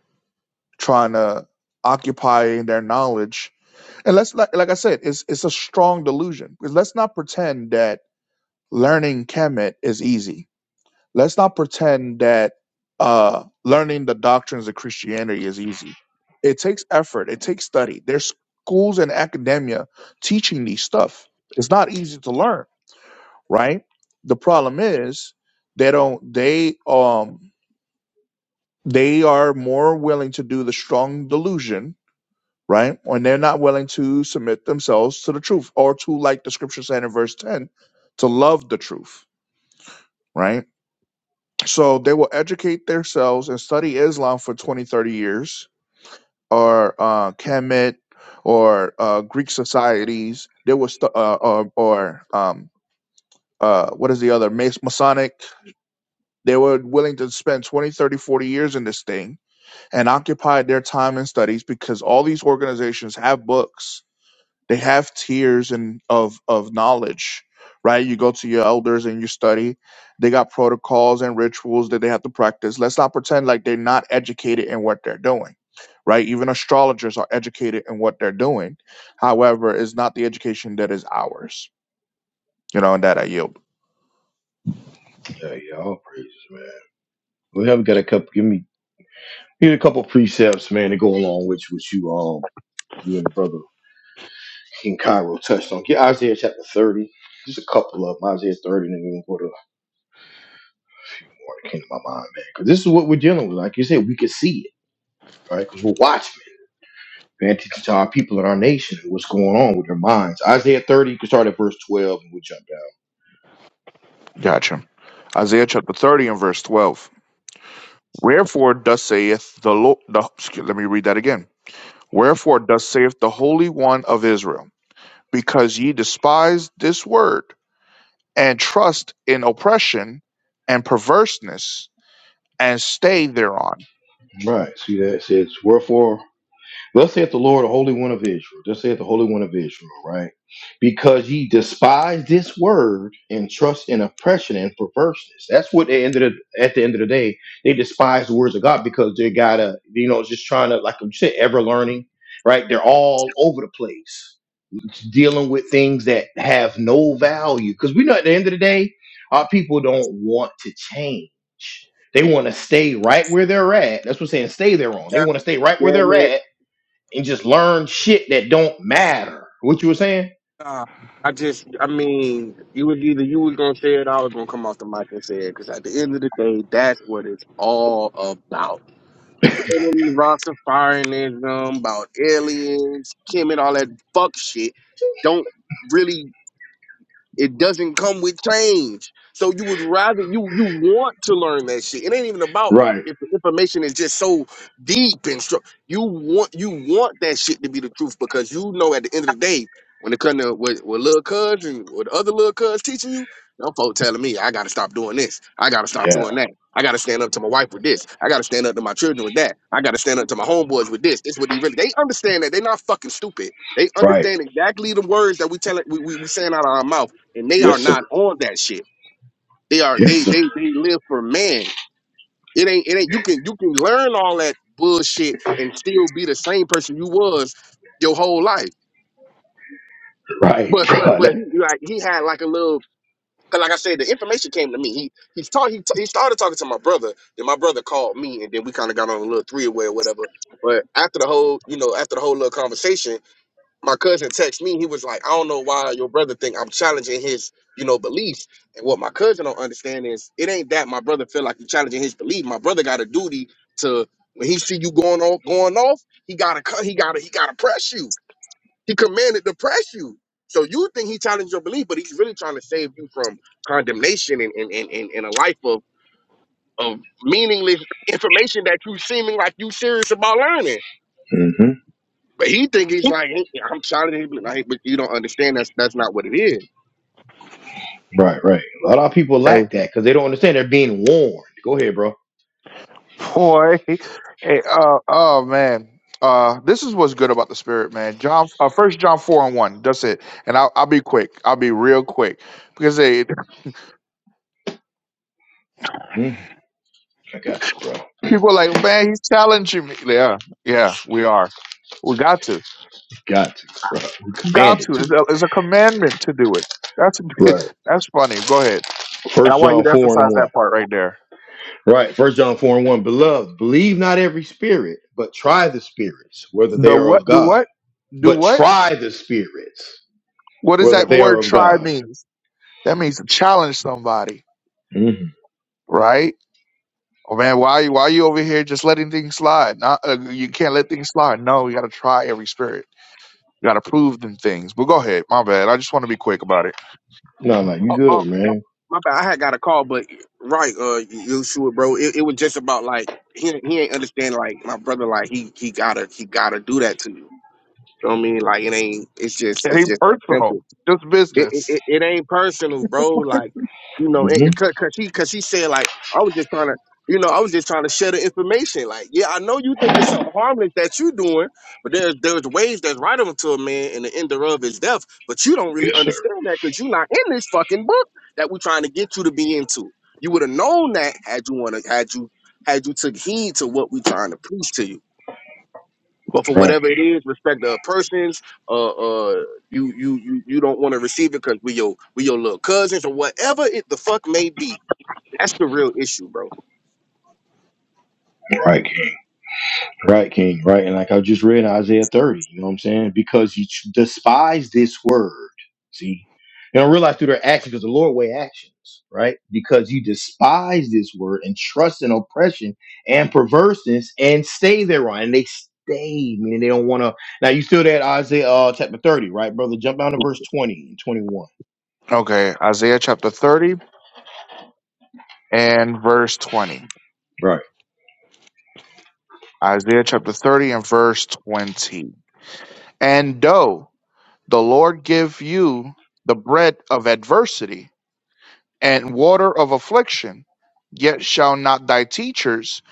Speaker 2: trying to occupy their knowledge. And let's like like I said, it's it's a strong delusion. Because let's not pretend that learning Kemet is easy. Let's not pretend that uh, learning the doctrines of Christianity is easy. It takes effort. It takes study. There's schools and academia teaching these stuff. It's not easy to learn, right? The problem is they don't. They um they are more willing to do the strong delusion, right? And they're not willing to submit themselves to the truth or to, like the scripture said in verse ten, to love the truth, right? so they will educate themselves and study Islam for 20, 30 years, or uh, Kemet, or uh, Greek societies. They will, stu- uh, or, or um, uh, what is the other? Mas- Masonic. They were willing to spend 20, 30, 40 years in this thing and occupied their time and studies because all these organizations have books they have tiers and of of knowledge, right? You go to your elders and you study. They got protocols and rituals that they have to practice. Let's not pretend like they're not educated in what they're doing. Right, even astrologers are educated in what they're doing. However, it's not the education that is ours. You know, and that I yield.
Speaker 1: Yeah, yeah, all praises, We have got a couple. Give me need a couple precepts, man, to go along with what you um you and the brother King Cairo touched on. Get Isaiah chapter thirty. Just a couple of them. Isaiah thirty, and then we will go to more that came to my mind, man. Because this is what we're dealing with. Like you said, we can see it, right? Because we're watchmen. Paying attention to our people in our nation and what's going on with their minds. Isaiah 30, you can start at verse 12 and we'll jump
Speaker 2: Gotcha. Isaiah chapter thirty and verse twelve. Wherefore thus saith the Lord, the, excuse- let me read that again. Wherefore thus saith the Holy One of Israel. because ye despise this word, and trust in oppression and perverseness, and stay thereon.
Speaker 1: down. Right. See that it says, Wherefore Thus saith the Lord, the Holy One of Israel. Thus saith the Holy One of Israel, right? Because ye despise this word and trust in oppression and perverseness. That's what they ended up- at the end of the day. They despise the words of God because they gotta, you know, just trying to, like you said, ever learning, right? They're all over the place, dealing with things that have no value. Because we know at the end of the day, our people don't want to change. They want to stay right where they're at. That's what I'm saying. Stay there on. They want to stay right where
Speaker 4: Yeah,
Speaker 1: they're
Speaker 4: man.
Speaker 1: at and just learn shit that don't matter. What you were saying?
Speaker 4: Uh, I just I mean you was either you was gonna say it or I was gonna come off the mic and say it because at the end of the day that's what it's all about. Rastafarianism about aliens, Kim and all that fuck shit. Don't really. It doesn't come with change. So you would rather you you want to learn that shit. It ain't even about
Speaker 1: Right.
Speaker 4: if the information is just so deep and strong. You want you want that shit to be the truth because you know at the end of the day, when it comes to what, what little cuz and what other little cuz teaching you, no folk telling me I gotta stop doing this. I gotta stop
Speaker 1: Yeah.
Speaker 4: doing that. I gotta stand up to my wife with this. I gotta stand up to my children with that. I gotta stand up to my homeboys with this. This is what he really they understand that they're not fucking stupid. They
Speaker 1: Right.
Speaker 4: understand exactly the words that we tell we, we, we saying out of our mouth and they are
Speaker 1: Yes, sir.
Speaker 4: not on that shit. They are
Speaker 1: Yes,
Speaker 4: they
Speaker 1: sir. <laughs>
Speaker 4: they they live for man. It ain't it ain't you can you can learn all that bullshit and still be the same person you was your whole life.
Speaker 1: Right,
Speaker 4: But but
Speaker 1: bro.
Speaker 4: but he like he had like a little cause like I said the information came to me. He he taught he, t- he started talking to my brother. Then my brother called me and then we kind of got on a little three way or whatever. But after the whole you know after the whole little conversation my cousin texted me. He was like, I don't know why your brother think I'm challenging his, you know, beliefs. And what my cousin don't understand is it ain't that my brother feel like he's challenging his belief. My brother got a duty to when he see you going off, going off, he gotta cut, he gotta, he gotta press you. He commanded to press you. So you think he challenged your belief, but he's really trying to save you from condemnation and and, and, and, and a life of of meaningless information that you seeming like you serious about learning.
Speaker 1: hmm
Speaker 4: But he think he's like, "Hey, I'm talented. He Like, but you don't understand. That's that's not what it is.
Speaker 1: Right, right. A lot of people
Speaker 2: Hey,
Speaker 1: lack that because they don't understand they're being warned. Go ahead, bro.
Speaker 2: boy. Hey, uh, oh, man. Uh, this is what's good about the spirit, man. John, uh, First John four and one. That's it. And I'll, I'll be quick. I'll be real quick because they <laughs>
Speaker 1: hmm I got you, bro.
Speaker 2: people are like, man, he's challenging me. Yeah, yeah, we are. We got to.
Speaker 1: Got to, bro. We
Speaker 2: got
Speaker 1: commanded
Speaker 2: to.
Speaker 1: to.
Speaker 2: It's a, it's a commandment to do it. That's
Speaker 1: Right.
Speaker 2: <laughs> that's funny. Go ahead. And I
Speaker 1: First
Speaker 2: want you
Speaker 1: John
Speaker 2: to
Speaker 1: four and
Speaker 2: emphasize that
Speaker 1: one.
Speaker 2: part right there.
Speaker 1: Right. First John four and one. Beloved, believe not every spirit, but try the spirits whether they
Speaker 2: The
Speaker 1: are
Speaker 2: what?
Speaker 1: of
Speaker 2: Do
Speaker 1: God.
Speaker 2: what? Do
Speaker 1: But
Speaker 2: what?
Speaker 1: try the spirits
Speaker 2: What does
Speaker 1: whether
Speaker 2: that
Speaker 1: they are
Speaker 2: word
Speaker 1: of
Speaker 2: try
Speaker 1: God.
Speaker 2: means? That means to challenge somebody,
Speaker 1: Mm-hmm.
Speaker 2: right? Oh man, why you why you over here just letting things slide? Not, uh, you can't let things slide. No, you got to try every spirit. You got to prove them things. But go ahead, my bad. I just want to be quick about it.
Speaker 1: No, no, you
Speaker 4: Oh, oh
Speaker 1: good, man.
Speaker 4: my bad. I had got a call, but right, uh, you sure, bro? It, it was just about like he he ain't understand. Like my brother, like he he gotta he gotta do that to you. You know what I mean? Like it ain't. It's just
Speaker 2: It
Speaker 4: it's
Speaker 2: ain't
Speaker 4: just that simple.
Speaker 2: personal, just
Speaker 4: it, it,
Speaker 2: business.
Speaker 4: it it ain't personal, bro. Like, you know, it,
Speaker 1: hmm
Speaker 4: it- cause, cause she cause she said like I was just trying to, you know, I was just trying to share the information. Like, yeah, I know you think it's something harmless that you doing, but there's there's ways that's right up to a man, and the end thereof is death. But you don't really
Speaker 1: Yes, sir.
Speaker 4: understand that because you're not in this fucking book that we're trying to get you to be into. You would have known that had you wanna had you had you took heed to what we trying to preach to you. But for
Speaker 1: Right,
Speaker 4: whatever it is, respect the persons. Uh, uh, you you you you don't want to receive it because we your we your little cousins or whatever it the fuck may be. That's the real issue, bro.
Speaker 1: right, King. Right, King. Right, and like I just read Isaiah thirty. You know what I'm saying? Because you ch- despise this word. See, they don't realize through their actions because the Lord weigh actions. Right, because you despise this word and trust in oppression and perverseness and stay thereon, and they stay, meaning they don't want to. Now you still that Isaiah uh, chapter thirty, right, brother? Jump down to verse twenty and twenty one.
Speaker 2: Okay, Isaiah chapter thirty and verse twenty. Isaiah chapter thirty and verse twenty. And though the Lord give you the bread of adversity and water of affliction, yet shall not thy teachers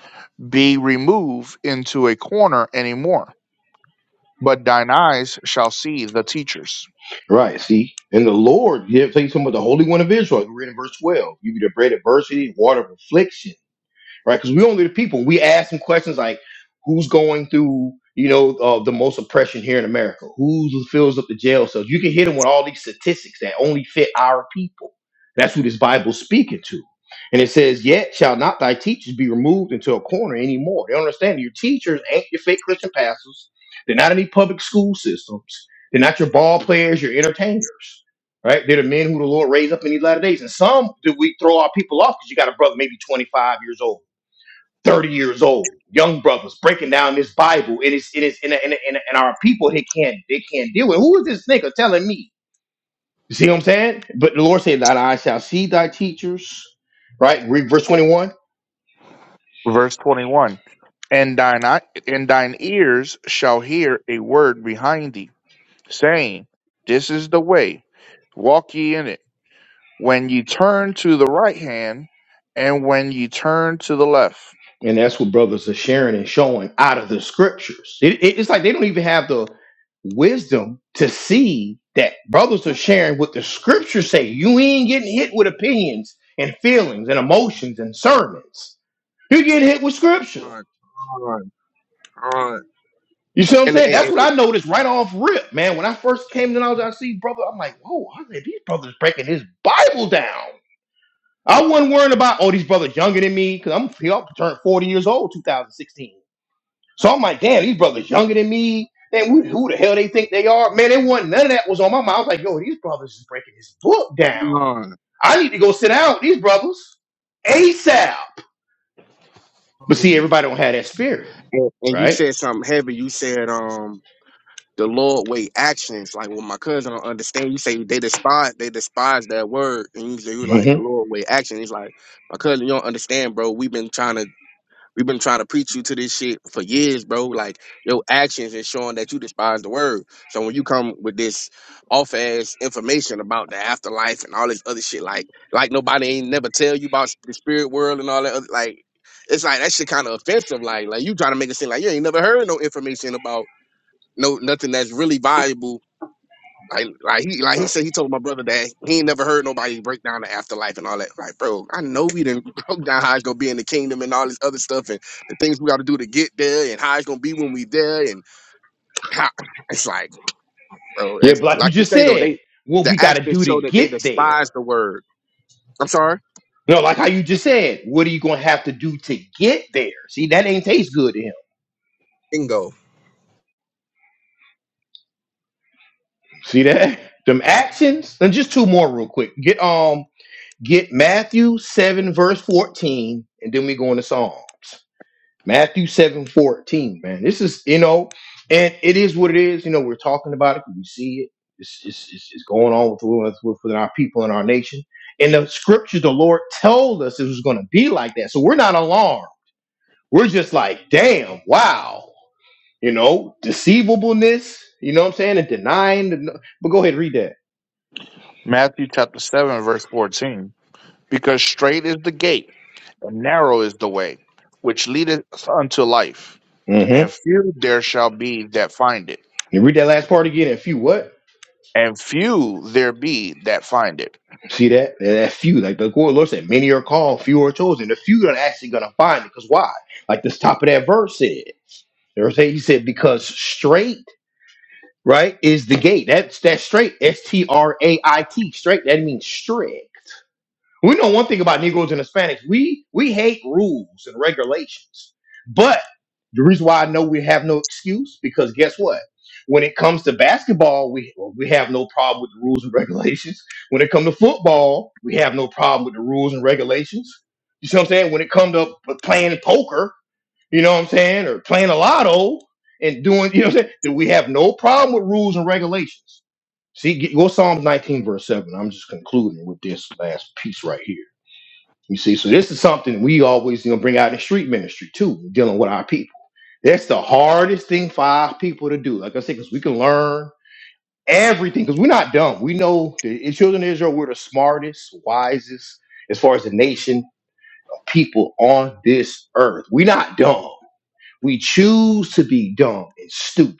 Speaker 2: be removed into a corner any more, but thine eyes shall see the teachers.
Speaker 1: Right. See, and the Lord, you have to tell you something about the Holy One of Israel. We read in verse 12. You be the bread of adversity, water of affliction right? Because we only the people. We ask them questions like, "Who's going through, you know, uh, the most oppression here in America? Who fills up the jail cells?" You can hit them with all these statistics that only fit our people. That's who this Bible's speaking to. And it says, "Yet shall not thy teachers be removed into a corner anymore." They don't understand your teachers ain't your fake Christian pastors. They're not in any public school systems. They're not your ball players, your entertainers right? They're the men who the Lord raised up in these latter days. And some do we throw our people off because you got a brother maybe 25 years old. 30 years old, young brothers breaking down this Bible, and it's it is and, and, and, and our people they can't they can't deal with. Who is this nigga telling me? You see what I'm saying? But the Lord said, "Thine eyes shall see thy teachers." Right, read verse 21,
Speaker 2: Verse 21 And thine, eye, and thine ears shall hear a word behind thee, saying, This is the way, walk ye in it. When ye turn to the right hand, and when ye turn to the left.
Speaker 1: and that's what brothers are sharing and showing out of the scriptures. It, it- it's like they don't even have the wisdom to see that brothers are sharing what the scriptures say. You ain't getting hit with opinions and feelings and emotions and sermons. You're getting hit with scripture.
Speaker 4: God, God, God,
Speaker 1: You see what I'm
Speaker 4: And and,
Speaker 1: saying? That's what
Speaker 4: and,
Speaker 1: I noticed right off rip, man. When I first came to knowledge, I see brother. I'm like, whoa, I said, these brothers breaking his Bible down. I wasn't worrying about, oh, these brothers younger than me, because I'm he up turned 40 years old 2016. So I'm like, damn, these brothers younger than me. Man, who, who the hell they think they are? Man, they wasn't none of that was on my mind. I was like, yo, these brothers is breaking his book down.
Speaker 4: God.
Speaker 1: I need to go sit down with these brothers. ASAP. But see, everybody don't have that spirit,
Speaker 4: and and you
Speaker 1: right?
Speaker 4: said something heavy. You said um the Lord weigh actions. Like well, my cousin don't understand. You say they despise they despise that word, and you say you like
Speaker 1: hmm
Speaker 4: the Lord weigh action. He's like my cousin, you don't understand, bro. We've been trying to We've been trying to preach you to this shit for years, bro. Like your actions is showing that you despise the word. So when you come with this off ass information about the afterlife and all this other shit, like like nobody ain't never tell you about the spirit world and all that other like it's like that shit kind of offensive. Like like you trying to make it seem like you ain't never heard no information about no nothing that's really valuable like, like he, like he said, he told my brother that he ain't never heard nobody break down the afterlife and all that. Like, bro, I know we didn't <laughs> broke down how it's gonna be in the kingdom and all this other stuff and the things we got to do to get there and how it's gonna be when we there and how <laughs> <clears throat> it's like, bro.
Speaker 1: Yeah,
Speaker 4: That's
Speaker 1: but like you
Speaker 4: like you
Speaker 1: just
Speaker 4: say though.
Speaker 1: said,
Speaker 4: They
Speaker 1: what
Speaker 4: the
Speaker 1: we gotta
Speaker 4: actions
Speaker 1: do to
Speaker 4: show that they
Speaker 1: get there.
Speaker 4: despise the word. I'm sorry.
Speaker 1: No, like how you just said, what are you gonna have to do to get there? See, that ain't taste good to him.
Speaker 4: Bingo.
Speaker 1: See that? Them actions. And just two more real quick. Get um get Matthew 7, verse 14, and then we go into Psalms. Matthew 7 14. man. This is, you know, and it is what it is. You know, we're talking about it, because we see it. It's, it's, it's, it's going on with, with, with with our people and our nation. And the scriptures the Lord told us it was going to be like that. So we're not alarmed. We're just like, damn, wow You know, deceivableness. You know what I'm saying? And denying. The, but go ahead, read that.
Speaker 2: Matthew chapter 7, verse 14. Because straight is the gate and narrow is the way which leadeth unto life, and
Speaker 1: Mm-hmm.
Speaker 2: few there shall be that find it,
Speaker 1: You read that last part again. And few what?
Speaker 2: and few there be that find it.
Speaker 1: See that? That few. Like the Lord Lord said, many are called, few are chosen. The few are actually gonna find it. Because why? Like this top of that verse said. You know what I'm saying? He said, because straight, right, is the gate. That's that straight. S T R A I T. Straight. That means straight. We know one thing about Negroes and Hispanics. We we hate rules and regulations. But the reason why I know we have no excuse because guess what? When it comes to basketball, we we have no problem with the rules and <laughs> regulations. When it comes to football, we have no problem with the rules and regulations. You see what I'm saying? When it comes to playing poker, you know what I'm saying, or playing a lotto and doing, you know what I'm saying? That we have no problem with rules and regulations. See, get- go Psalms 19, verse 7. I'm just concluding with this last piece right here. You see, so this is something we always you know bring out in street ministry too, dealing with our people. That's the hardest thing for our people to do. Like I said, because we can learn everything, because we're not dumb. We know the the children of Israel, we're the smartest, wisest, as far as the nation of people on this earth. We're not dumb. We choose to be dumb and stupid.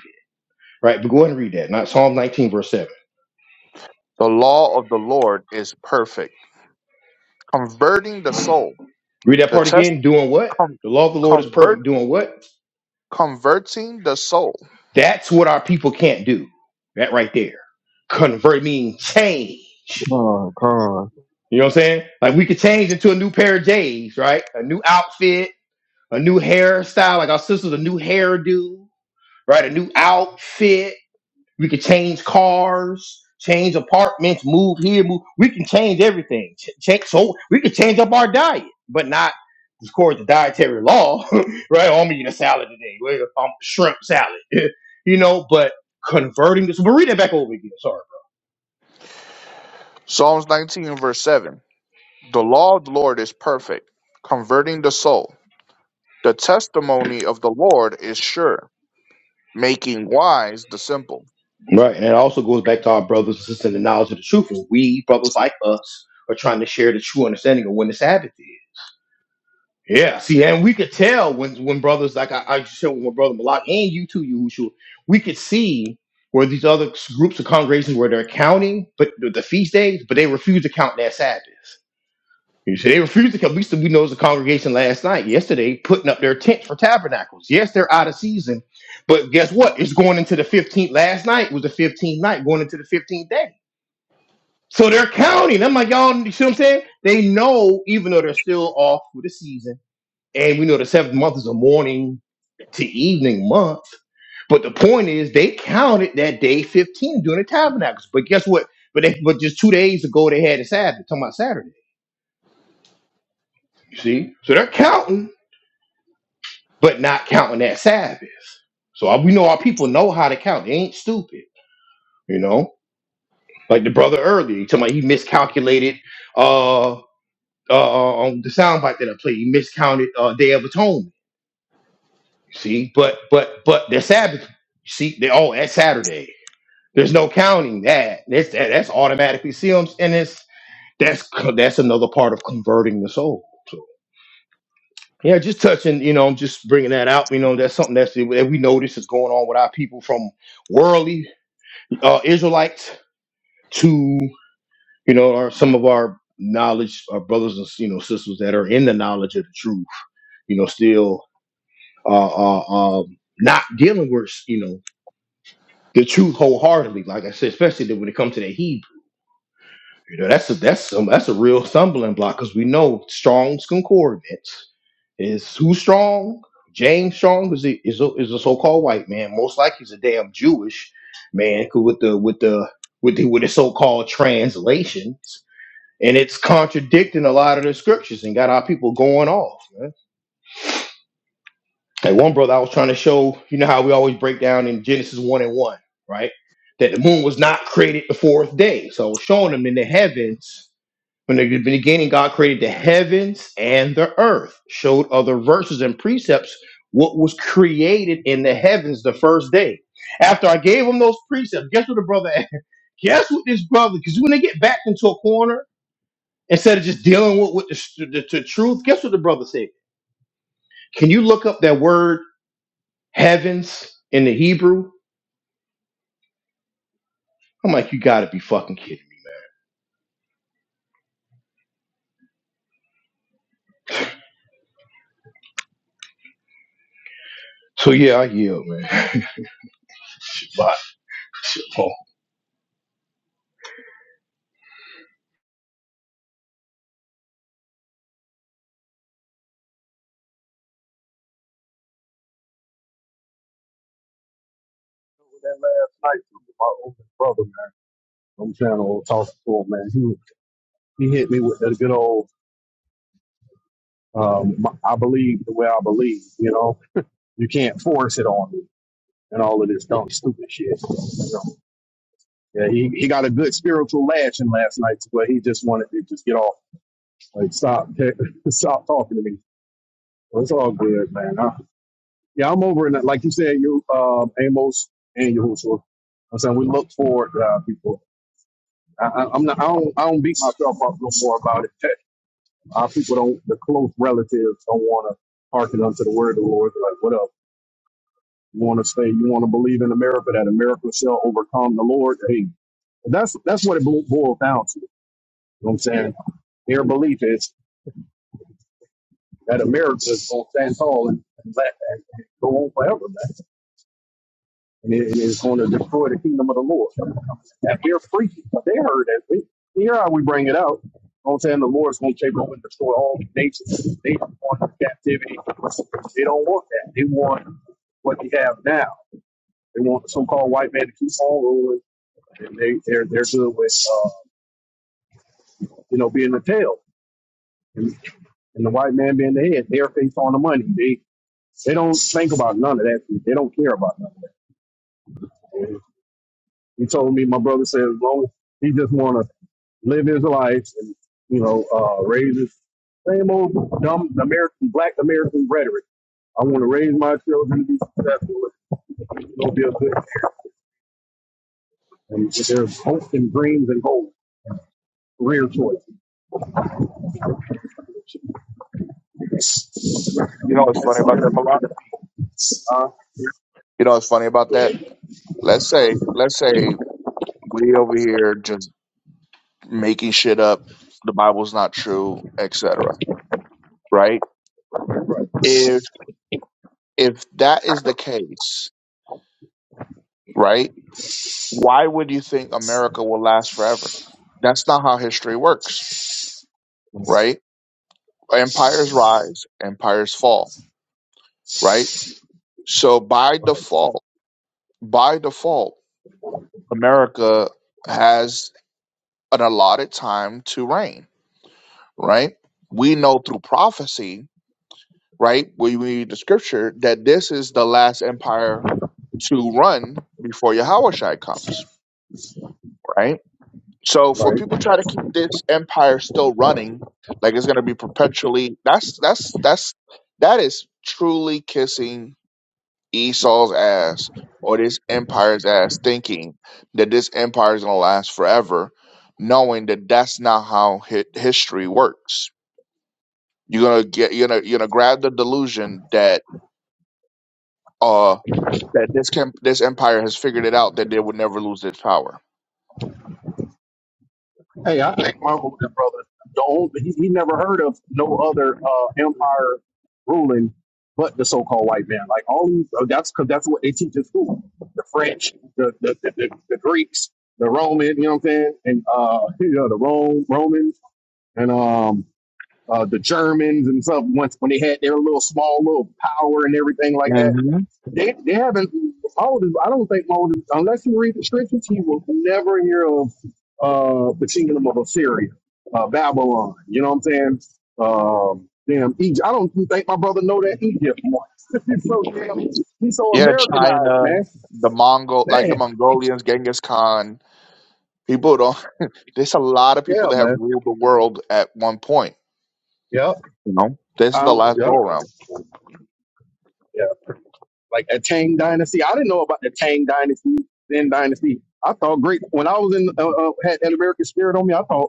Speaker 1: Right? But go ahead and read that. Not Psalm 19, verse 7.
Speaker 2: The law of the Lord is perfect, converting the soul.
Speaker 1: Read that
Speaker 2: The
Speaker 1: part
Speaker 2: test
Speaker 1: again. Doing what?
Speaker 2: com-
Speaker 1: The law of the Lord is
Speaker 2: convert
Speaker 1: perfect. Doing what?
Speaker 2: converting the soul.
Speaker 1: That's what our people can't do. That right there. Convert mean change.
Speaker 4: Come on, come on.
Speaker 1: You know what I'm saying? Like we could change into a new pair of J's, right? A new outfit, a new hairstyle. Like our sister's a new hairdo, right? A new outfit We can change cars, change apartments, move here, move. We can change everything. Ch- change, so we can change up our diet, but not, of course, the dietary law, <laughs> right? Oh, I'm eating a salad today. Well, I'm shrimp salad, <laughs> you know. But converting this, we're reading it back over again. Sorry,
Speaker 2: Psalms 19 and verse 7. The law of the Lord is perfect, converting the soul. The testimony of the Lord is sure, making wise the simple.
Speaker 1: bro. right? And it also goes back to our brothers and sisters in the knowledge of the truth. And we brothers like us are trying to share the true understanding of when the Sabbath is. Yeah, see, and we could tell when when brothers like I, I showed with my brother Malak and you too, Yahushua, we could see where these other s- groups of congregations where they're counting, but the, the feast days, but they refuse to count their Sabbaths. You see, they refuse to count. We said- we know the congregation last night, yesterday, putting up their tents for tabernacles. Yes, they're out of season, but guess what? It's going into the fifteenth. Last night was the fifteenth night, going into the fifteenth day. So they're counting. I'm like, y'all, you see what I'm saying? They know, even though they're still off for the season and we know the seventh month is a morning to evening month. But the point is, they counted that day 15 during the tabernacles. But guess what? But they, but just two days ago, they had a Sabbath. Talking about Saturday. You see? So they're counting, but not counting that Sabbath. So I- we know our people know how to count. They ain't stupid. You know, like the brother earlier, he talking about he miscalculated uh uh uh, on the soundbite that I played. He miscounted uh Day of Atonement. You see, but but but their Sabbath. You see, they all at Saturday. There's no counting that. That's that, that's automatically sealed, and it's that's that's another part of converting the soul. So yeah, just touching. You know, I'm just bringing that out. You know, that's something that's that we notice is going on with our people from worldly uh, Israelites to you know, our, some of our knowledge, our brothers and you know sisters that are in the knowledge of the truth. You know, still uh, uh, um, not dealing with you know the truth wholeheartedly. Like I said, especially when it comes to the Hebrew. You know, that's a, that's some that's a real stumbling block because we know Strong's concordance is who strong. James Strong is a, is a, is a so-called white man. Most likely, he's a damn Jewish man 'cause with the with the with the with the so-called translations, and it's contradicting a lot of the scriptures and got our people going off. Man. Like one brother, I was trying to show you know how we always break down in Genesis one and one, right? That the moon was not created the fourth day. So I was showing them in the heavens from the beginning, God created the heavens and the earth, showed other verses and precepts what was created in the heavens the first day. After I gave him those precepts, guess what the brother <laughs> Guess what this brother, because when they get backed into a corner, instead of just dealing with, with the, the, the truth, guess what the brother said? Can you look up that word heavens in the Hebrew? I'm like, you gotta be fucking kidding me. So yeah, I yield, man. <laughs> Shabbat. Shalom.
Speaker 3: That last night, my older brother, man. I'm trying to talk to him, man. He he hit me with that good old. Um, I believe the way I believe. You know, you can't force it on me and all of this dumb, stupid shit. You know? Yeah, he, he got a good spiritual lashing last night, but he just wanted to just get off, like stop, <laughs> stop talking to me. Well, it's all good, man. I, Yeah, I'm over in that. Like you said, you um, Amos and Yahushua. I'm saying we look forward, to our people. I, I, I'm not. I don't. I don't beat myself up no more about it. That our people don't. The close relatives don't want to hearken unto the word of the Lord. They're like, whatever. You want to say you want to believe in America that America shall overcome the Lord. Hey, that's that's what it bo- boils down to. You know what I'm saying their belief is that America is going to stand tall and, and, la- and go on forever. Man. and it is going to destroy the kingdom of the Lord. And we're freaky. They heard that. We, here how we bring it out. I'm saying the Lord's going to take over and destroy all the nations. They want captivity. They don't want that. They want what they have now. They want the so-called white man to keep on ruling, and they they're they're good with uh, you know being the tail and, and the white man being the head. They're based on the money. They they don't think about none of that. They don't care about none of that. And He told me, my brother said, as long as he just want to live his life and, you know, uh, raise his same old dumb American, black American rhetoric. I want to raise my children to be successful. and It'll be a good and there's hopes and dreams and goals, career choice.
Speaker 2: You know what's
Speaker 3: That's
Speaker 2: funny
Speaker 3: all.
Speaker 2: about that, Malak?
Speaker 3: Uh,
Speaker 2: You know what's funny about that? Let's say, let's say we over here just making shit up. The Bible's not true, et cetera. Right?
Speaker 3: right,
Speaker 2: If if that is the case, right? Why would you think America will last forever? That's not how history works, right? Empires rise, empires fall, right? So by
Speaker 3: right,
Speaker 2: default, by default, America has an allotted time to reign, right? We know through prophecy right? We read the scripture that this is the last empire to run before Yahushua comes, right? So for
Speaker 3: right.
Speaker 2: people try to keep this empire still running, like it's gonna be perpetually that's that's that's that is truly kissing Esau's ass or this empire's ass thinking that this empire is gonna last forever, knowing that that's not how hi- history works. You're gonna get you're gonna you're gonna grab the delusion that uh. that this camp, this empire has figured it out that they would never lose its power.
Speaker 3: Hey, I think Michael was brother. The old, he, he never heard of no other uh, empire ruling but the so-called white man. Like all these, uh, that's because that's what they teach in school: the French, the the, the, the, the Greeks, the Roman. You know what I'm saying? And uh, you know the Rome Romans and um uh, the Germans and stuff. Once when they had their little small little power and everything like that
Speaker 2: hmm
Speaker 3: they, they haven't Moses. I don't think Moses, unless you read the scriptures, he will never hear of uh, the kingdom of Assyria, uh, Babylon. You know what I'm saying? Um, damn Egypt. I don't think my brother know that Egypt one. <laughs> he's so damn. He's so
Speaker 2: Yeah,
Speaker 3: Americanized,
Speaker 2: China,
Speaker 3: man.
Speaker 2: the Mongol, like the
Speaker 3: Damn.
Speaker 2: Mongolians, Genghis Khan. People don't. <laughs> There's a lot of people
Speaker 3: Yeah,
Speaker 2: that have
Speaker 3: man.
Speaker 2: ruled the world at one point.
Speaker 3: Yep.
Speaker 2: You know, this is the
Speaker 3: Um,
Speaker 2: last
Speaker 3: yep.
Speaker 2: go around.
Speaker 3: Yeah. Like a Tang dynasty. I didn't know about the Tang dynasty, Then dynasty. I thought great when I was in uh, uh, had an American spirit on me. I thought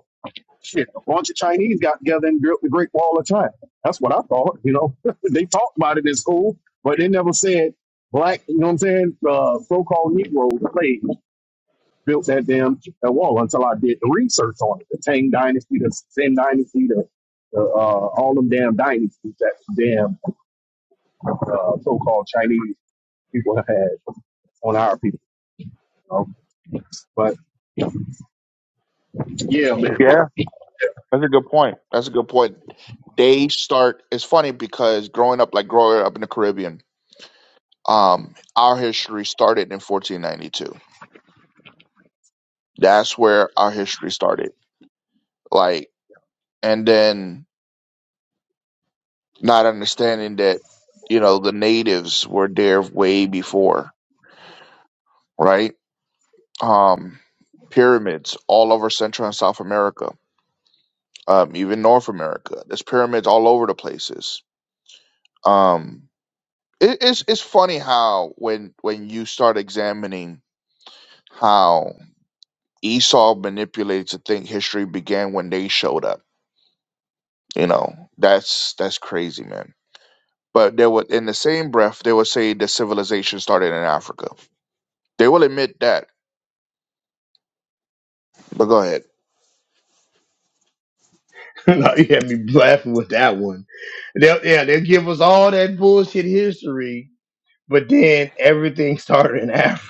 Speaker 3: Shit, a bunch of Chinese got together and built the Great Wall of China. That's what I thought. You know, <laughs> they talked about it in school, but they never said black. You know what I'm saying? Uh, so-called Negro slaves built that damn that wall until I did the research on it. The Tang Dynasty, the Sen Dynasty, the, the uh, all them damn dynasties that damn uh, so-called Chinese people have had on our people. You know? But yeah, man,
Speaker 2: Yeah, that's a good point. That's a good point. They start. It's funny because growing up, like growing up in the Caribbean, um, our history started in 1492. That's where our history started. Like, and then not understanding that you know the natives were there way before right um pyramids all over central and south america um even north america there's pyramids all over the places um it, it's it's funny how when when you start examining how esau manipulated to think history began when they showed up you know that's that's crazy man but there was in the same breath they would say the civilization started in africa they will admit that But go ahead.
Speaker 1: <laughs> Now, you had me laughing with that one. They'll, yeah, they'll give us all that bullshit history, but then everything <laughs> started in Africa.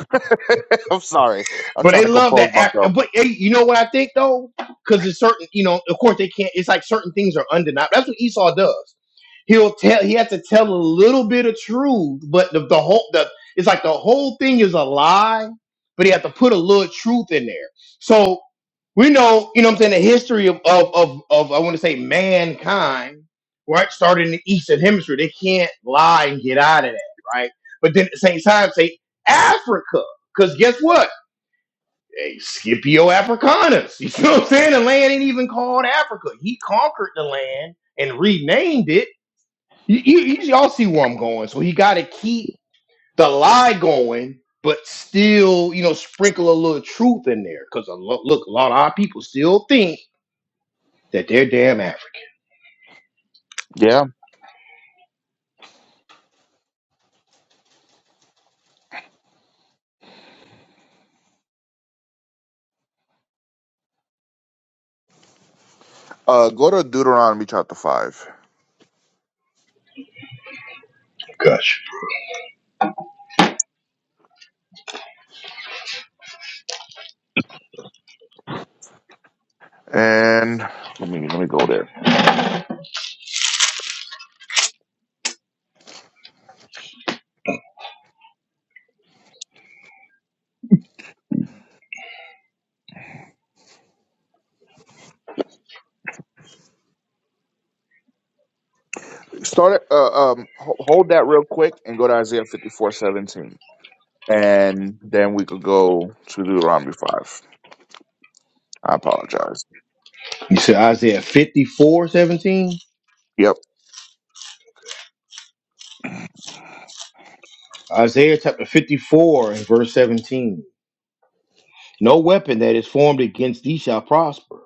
Speaker 2: <laughs> I'm sorry. I'm
Speaker 1: But
Speaker 2: trying
Speaker 1: they
Speaker 2: to
Speaker 1: love
Speaker 2: compose
Speaker 1: that. Af-
Speaker 2: myself.
Speaker 1: but hey, you know what I think though, because it's certain. You know, of course they can't. It's like certain things are undeniable. That's what Esau does. He'll tell. He has to tell a little bit of truth, but the, the whole the it's like the whole thing is a lie, but he has to put a little truth in there. So we know, you know, what I'm saying the history of of of, of I want to say mankind, right? Started in the Eastern Hemisphere, they can't lie and get out of that, right? But then at the same time, say Africa, because guess what? hey, Scipio Africanus. <laughs> You see what I'm saying? The land ain't even called Africa. He conquered the land and renamed it. You, you, you all see where I'm going. So he got to keep the lie going, but still, you know, sprinkle a little truth in there. Because look, a lot of our people still think that they're damn African.
Speaker 2: Yeah. Uh, go to Deuteronomy chapter five,
Speaker 1: Gosh.
Speaker 2: and let me let me go there. Start at, uh, um ho- hold that real quick and go to Isaiah fifty four seventeen, and then we could go to Deuteronomy five. I apologize.
Speaker 1: You said Isaiah 54:17.
Speaker 2: Yep.
Speaker 1: Isaiah chapter 54 and verse 17. No weapon that is formed against thee shall prosper,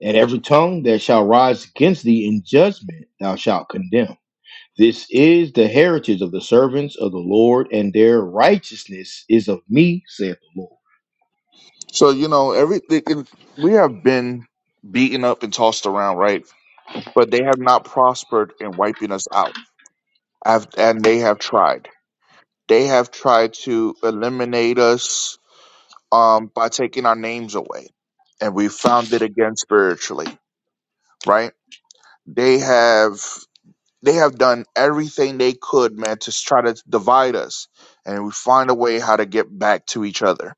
Speaker 1: and every tongue that shall rise against thee in judgment thou shalt condemn. This is the heritage of the servants of the Lord, and their righteousness is of me, saith the Lord.
Speaker 2: So you know everything. We have been beaten up and tossed around, right? But they have not prospered in wiping us out. I've, and they have tried. They have tried to eliminate us um, by taking our names away, and we found it again spiritually, right? They have they have done everything they could, man, to s- try to divide us, and we find a way how to get back to each other,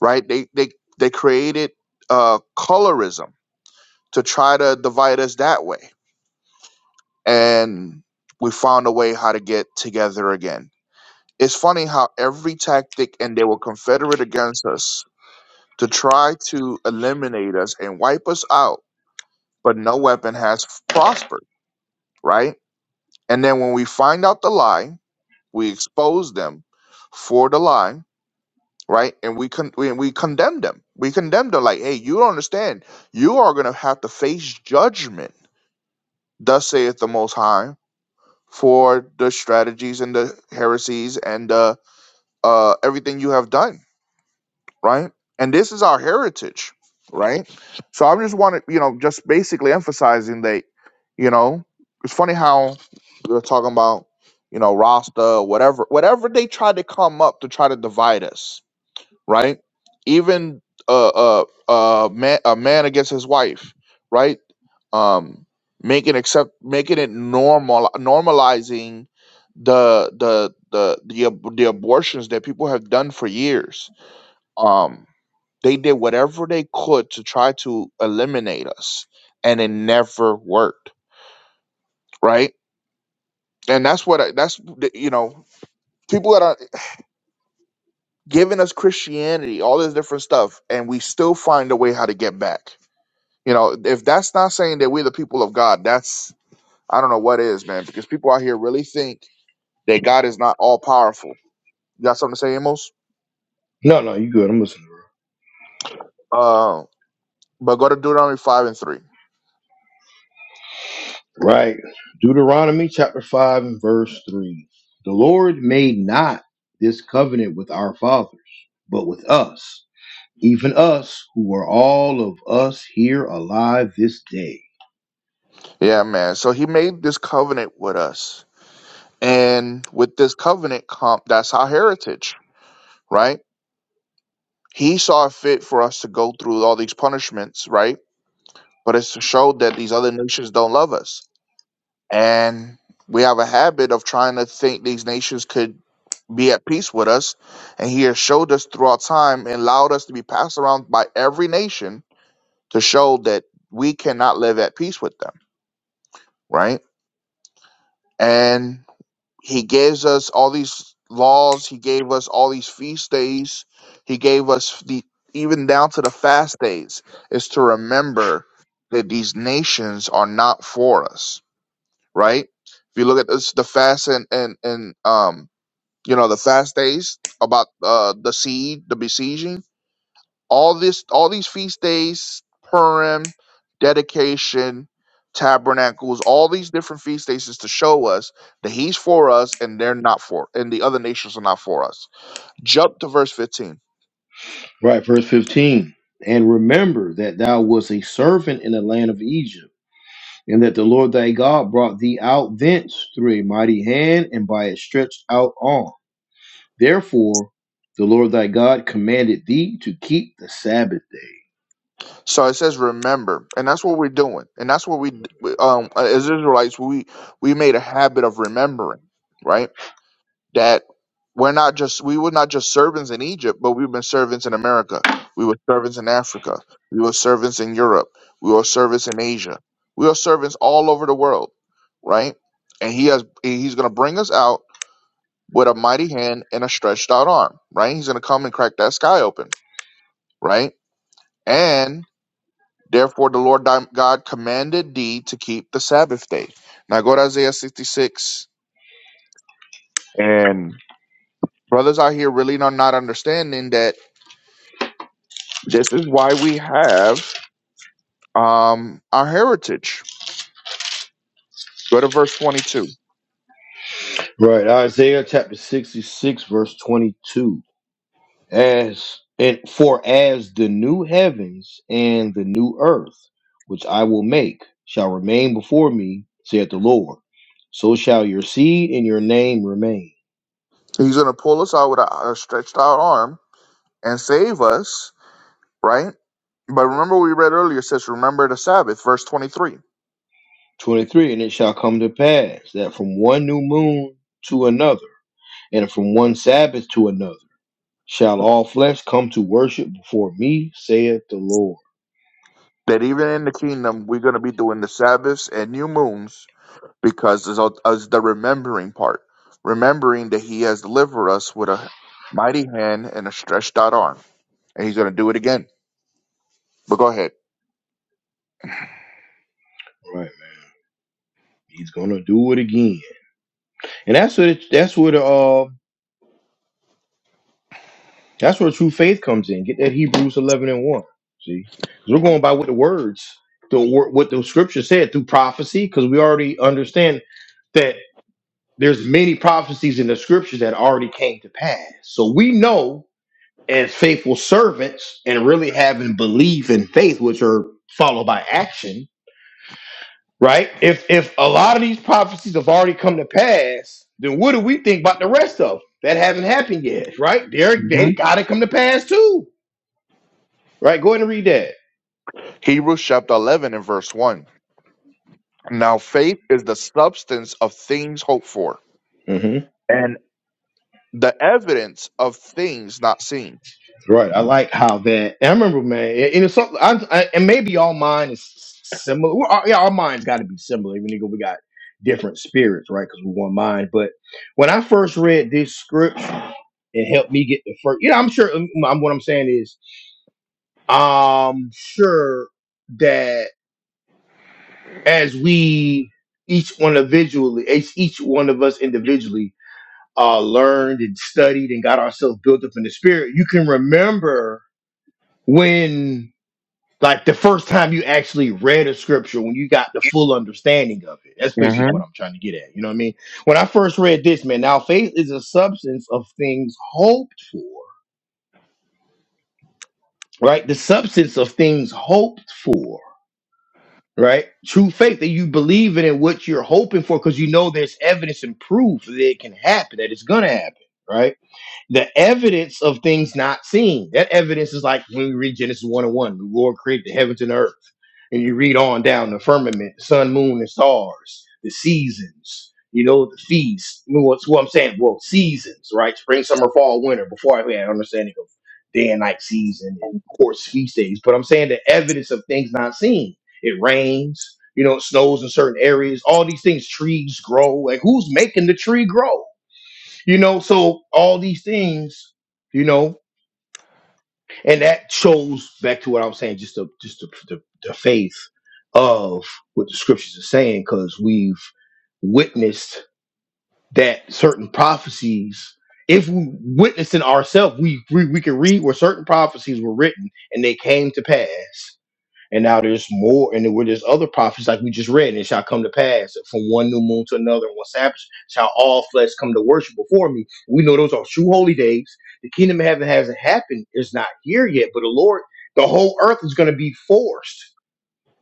Speaker 2: right? They they they created uh, colorism to try to divide us that way. And we found a way how to get together again. It's funny how every tactic, and they were confederate against us to try to eliminate us and wipe us out, but no weapon has prospered, right? And then when we find out the lie, we expose them for the lie, right? And we con- we, we condemn them. We condemn them like, hey, you don't understand. You are gonna have to face judgment. Thus saith the Most High for the strategies and the heresies and uh, uh, everything you have done, right? And this is our heritage, right? So I just wanted, you know, just basically emphasizing that, you know, it's funny how we were talking about, you know, Rasta, whatever, whatever they try to come up to try to divide us, right? Even uh, uh, uh, man, a man against his wife, right? Um, making accept, making it normal, normalizing the the the the ab- the abortions that people have done for years. Um, they did whatever they could to try to eliminate us, and it never worked, right? And that's what I, that's the- you know people that are giving us Christianity, all this different stuff, and we still find a way how to get back You know, if that's not saying that we're the people of God, that's I don't know what is, man. Because people out here really think that God is not all powerful. You got something to say, Amos?
Speaker 1: No, no, you good. I'm listening. bro.
Speaker 2: Uh, but go to Deuteronomy five and three.
Speaker 1: Right. Deuteronomy chapter 5 and verse 3. The Lord made not this covenant with our fathers, but with us, even us who are all of us here alive this day
Speaker 2: Yeah, man. So He made this covenant with us, and with this covenant, comp, that's our heritage, right? He saw fit for us to go through all these punishments, right? But it's to show that these other nations don't love us And we have a habit of trying to think these nations could be at peace with us. And he has showed us throughout time and allowed us to be passed around by every nation to show that we cannot live at peace with them, right? And he gives us all these laws, he gave us all these feast days, he gave us the even down to the fast days, is to remember that these nations are not for us right? If you look at this, the fast and and and um, you know, the fast days about uh the seed, the besieging, all this, all these feast days, Purim, dedication, tabernacles, all these different feast days is to show us that He's for us and they're not for, and the other nations are not for us. Jump to verse fifteen.
Speaker 1: Right, verse 15. And remember that thou wast a servant in the land of Egypt, and that the Lord thy God brought thee out thence through a mighty hand and by a stretched out arm. Therefore, the Lord thy God commanded thee to keep the Sabbath day.
Speaker 2: So it says, "Remember," and that's what we're doing, and that's what we, d- we, um, as Israelites, we we made a habit of remembering, right? that we're not just we were not just servants in Egypt, but we've been servants in America. We were servants in Africa. We were servants in Europe. We were servants in Asia. We are servants all over the world, right? And he has and he's gonna bring us out with a mighty hand and a stretched out arm, right? He's gonna come and crack that sky open, right? And therefore the Lord thy God commanded thee to keep the Sabbath day. Now go to Isaiah 66 and brothers out here really are not understanding that This is why we have um, our heritage. Go to verse 22.
Speaker 1: Right, Isaiah chapter 66, verse 22. as it for as the new heavens and the new earth which I will make shall remain before me, saith the Lord, so shall your seed and your name remain.
Speaker 2: He's going to pull us out with a, a stretched out arm and save us, right? But remember, we read earlier, it says, Remember the Sabbath, verse 23.
Speaker 1: 23 And it shall come to pass that from one new moon to another, and from one Sabbath to another, shall all flesh come to worship before me, saith the Lord.
Speaker 2: That even in the kingdom, we're going to be doing the Sabbaths and new moons because it's all- it's the remembering part. Remembering that he has delivered us with a mighty hand and a stretched out arm. And he's going to do it again. But go ahead.
Speaker 1: Right, man. He's gonna do it again, and that's what it, that's what uh That's where true faith comes in. Get that Hebrews 11 and 1. See? Because we're going by what the words, the wor- what the scripture said through prophecy, because we already understand that there's many prophecies in the scriptures that already came to pass. So we know as faithful servants and really having belief and faith, which are followed by action, right? If if a lot of these prophecies have already come to pass, then what do we think about the rest of them that haven't happened yet, right? They're, they
Speaker 2: hmm
Speaker 1: got to come to pass too. Right, go ahead and read that.
Speaker 2: Hebrews chapter 11 and verse 1. Now faith is the substance of things hoped for
Speaker 1: hmm
Speaker 2: and the evidence of things not seen.
Speaker 1: Right, I like how that. And I remember, man, and it's something. I, I, and maybe all mine is similar. Well, our- yeah, our minds got to be similar, even though we got different spirits, right? Because we one mind. But when I first read this scripture, it helped me get the first. You know, I'm sure. um, I'm, what I'm saying is, I'm sure that as we each one individually, each each one of us individually, uh, learned and studied and got ourselves built up in the spirit, you can remember when like the first time you actually read a scripture when you got the full understanding of it that's basically what
Speaker 2: Mhm.
Speaker 1: i'm trying to get at you know what i mean when i first read this man now faith is a substance of things hoped for right the substance of things hoped for right true faith that you believe in and what you're hoping for because you know there's evidence and proof that it can happen that it's gonna happen right the evidence of things not seen. That evidence is like when we read Genesis 1 and 1, the Lord created the heavens and earth. And you read on down the firmament, sun, moon, and stars, the seasons, you know, the feast. You know, what's what I'm saying? Well, seasons, right? Spring, summer, fall, winter, before I had an understanding of day and night season and of course feast days. But I'm saying the evidence of things not seen. It rains, you know, it snows in certain areas, all these things, trees grow. Like who's making the tree grow? You know, so all these things, you know, and that shows back to what I was saying, just the just the, the, the faith of what the scriptures are saying, because we've witnessed that certain prophecies. If we witnessed in ourselves, we, we we can read where certain prophecies were written and they came to pass. And now there's more, and with there's other prophets, like we just read, and it shall come to pass from one new moon to another, and one Sabbath shall all flesh come to worship before me. We know those are true holy days. The kingdom of heaven hasn't happened, it's not here yet, but the Lord, the whole earth is going to be forced.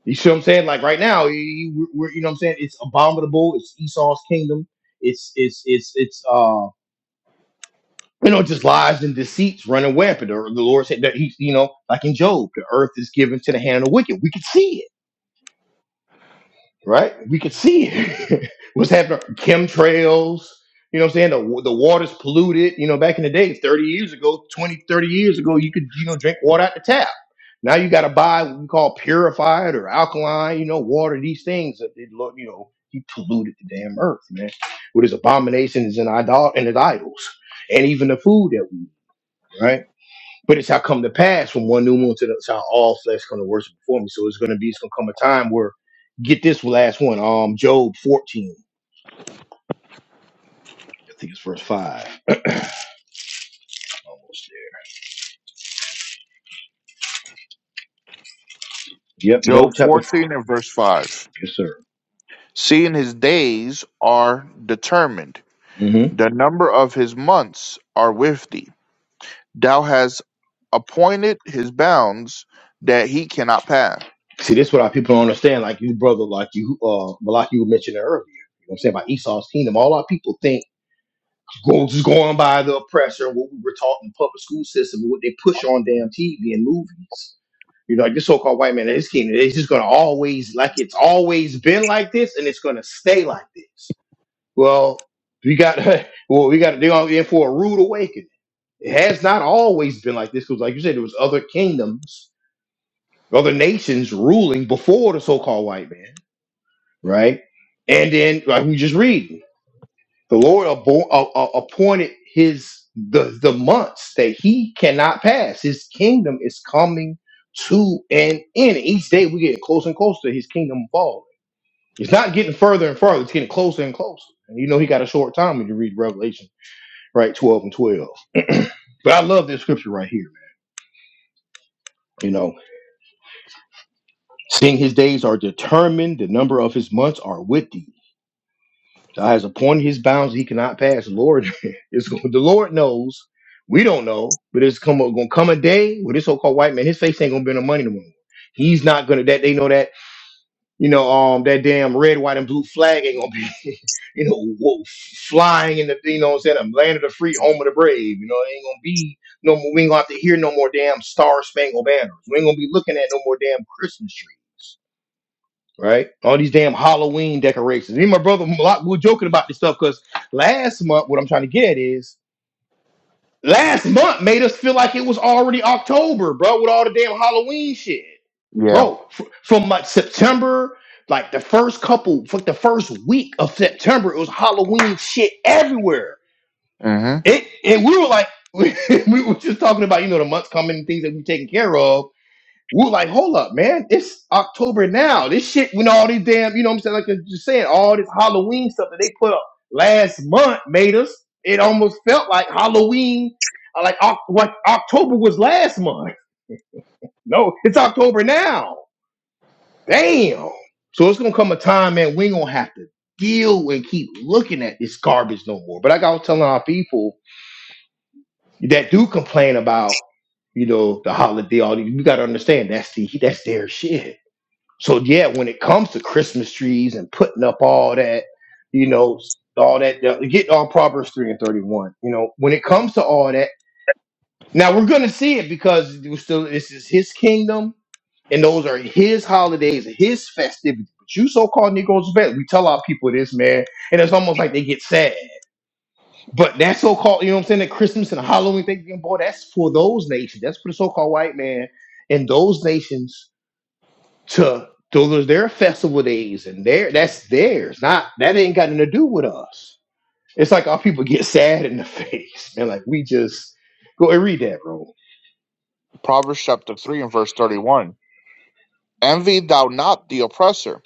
Speaker 1: You see what I'm saying? Like right now, you, you- we're, you know what I'm saying? It's abominable. It's Esau's kingdom. It's, it's, it's, it's, uh, you know, just lies and deceits running rampant. Or the Lord said that he, you know, like in Job, the earth is given to the hand of the wicked. We can see it right? We could see it. <laughs> what's happening. Chemtrails, you know what I'm saying? The, the water's polluted. You know, back in the day, 30 years ago, 20, 30 years ago, you could, you know, drink water out the tap. Now you got to buy what we call purified or alkaline, you know, water, these things that, they, lo- you know, he polluted the damn earth, man, with his abominations and, idol- and his idols and even the food that we eat, right? But it shall come to pass from one new moon to the shall all flesh come to worship before me. So it's gonna be it's gonna come a time where get this last one, um Job 14. I think it's verse five. <clears throat> Almost there. Yep,
Speaker 2: Job
Speaker 1: Job chapter four.
Speaker 2: 14 and verse 5.
Speaker 1: Yes, sir.
Speaker 2: Seeing his days are determined,
Speaker 1: hmm
Speaker 2: the number of his months are with thee. Thou hast appointed his bounds that he cannot pass.
Speaker 1: See, this is what our people don't understand, like you brother, like you uh like you mentioned earlier. You know what I'm saying? About Esau's kingdom. All our people think Go, just going by the oppressor and what we were taught in the public school system, what they push on damn TV and movies. You know, like this so-called white man, this kid, it's just gonna always like it's always been like this, and it's gonna stay like this. Well, we got <laughs> well, we got they're gonna be in for a rude awakening. It has not always been like this because, like you said, there was other kingdoms, other nations ruling before the so-called white man, right? And then, like we just read. The Lord abo- uh, uh, appointed his the the months that he cannot pass. His kingdom is coming to an end. Each day we get closer and closer to his kingdom falling. It's not getting further and further. It's getting closer and closer. And you know he got a short time when you read Revelation, right? Twelve and twelve. <clears throat> but I love this scripture right here. Man. You know, seeing his days are determined, the number of his months are with thee. God has appointed his bounds he cannot pass. Lord, <laughs> it's gonna- the Lord knows. We don't know, but it's come gonna come a day where this so-called white man, his face ain't gonna be in the money no more. He's not gonna that they know that you know um that damn red, white, and blue flag ain't gonna be <laughs> you know wo- flying in the you know what I'm saying the land of the free, home of the brave. You know it ain't gonna be no more. We ain't gonna have to hear no more damn star spangled banners. We ain't gonna be looking at no more damn Christmas trees right? All these damn Halloween decorations. Me and my brother a lot we were joking about this stuff because last month, what I'm trying to get at is last month made us feel like it was already October, bro, with all the damn Halloween shit.
Speaker 2: Yeah.
Speaker 1: Bro, f- from like September, like the first couple, like the first week of September, it was Halloween shit everywhere.
Speaker 2: hmm
Speaker 1: It and we were like, <laughs> we were just talking about, you know, the months coming and things that we taking care of we're like, hold up, man. It's October now. This shit, you know, all these damn, you know what I'm saying? Like you're just saying, all this Halloween stuff that they put up last month made us, it almost felt like Halloween, uh, like Oc- what October was last month. <laughs> No, it's October now. Damn. So it's gonna come a time, man, we ain't gonna have to deal and keep looking at this garbage no more. But like I was telling our people that do complain about, you know, the holiday, all these, you gotta understand that's the that's their shit So yeah, when it comes to Christmas trees and putting up all that, you know, all that uh, get all Proverbs three and thirty one. You know, when it comes to all that, now we're gonna see it because it was still this is his kingdom and those are his holidays, his festivities. But you so-called Negroes, bad. we tell our people this, man, and it's almost like they get sad. But that so-called, you know what I'm saying, that Christmas and Halloween thing, boy, that's for those nations. That's for the so-called white man and those nations to those are their festival days and their that's theirs. Not that ain't got nothing to do with us. It's like our people get sad in the <laughs> face, man. Like we just go and read that, bro.
Speaker 2: Proverbs chapter 3 and verse 31. Envy thou not the oppressor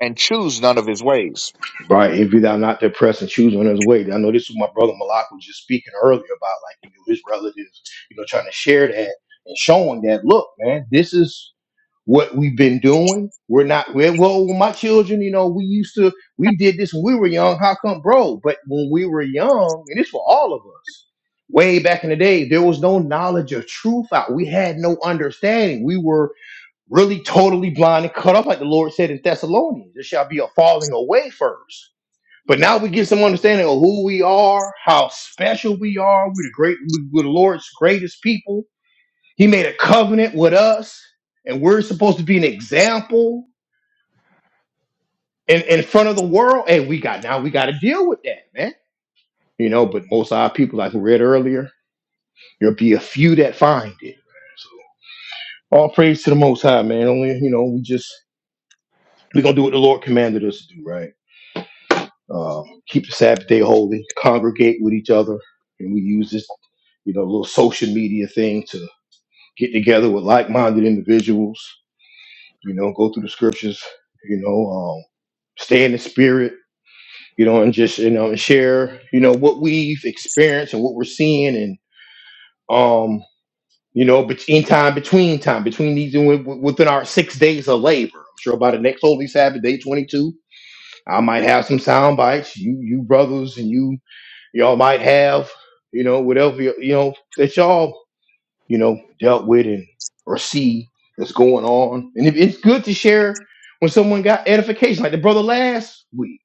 Speaker 2: and choose none of his ways.
Speaker 1: Right? If thou not depressed and choose on his way. I know this was my brother Malak was just speaking earlier about like you know his relatives, you know, trying to share that and showing that. Look, man, this is. what we've been doing. We're not we're, well. My children, you know, we used to we did this when we were young. How come, bro? But when we were young, and it's for all of us, way back in the day, there was no knowledge of truth out. We had no understanding. We were really totally blind and cut off, like the Lord said in Thessalonians. There shall be a falling away first. But now we get some understanding of who we are, how special we are. We're the great, we're the Lord's greatest people he made a covenant with us, and we're supposed to be an example in, in front of the world. And we got now we got to deal with that, man. You know, but most of our people, like we read earlier, there'll be a few that find it. So all praise to the Most High, man. Only you know, we just we gonna do what the Lord commanded us to do, right? Um, keep the Sabbath day holy, congregate with each other, and we use this, you know, little social media thing to get together with like-minded individuals you know, go through the scriptures, you know, um, stay in the spirit, you know, and just, you know, and share, you know, what we've experienced and what we're seeing and, um, you know, bet- in time, between time, between these, wi- wi- within our six days of labor. I'm sure by the next Holy Sabbath, day 22, I might have some sound bites. You, you brothers and you, y'all might have, you know, whatever, you you know, that y'all you know, dealt with and or see that's going on. And it, it's good to share when someone got edification, like the brother last week,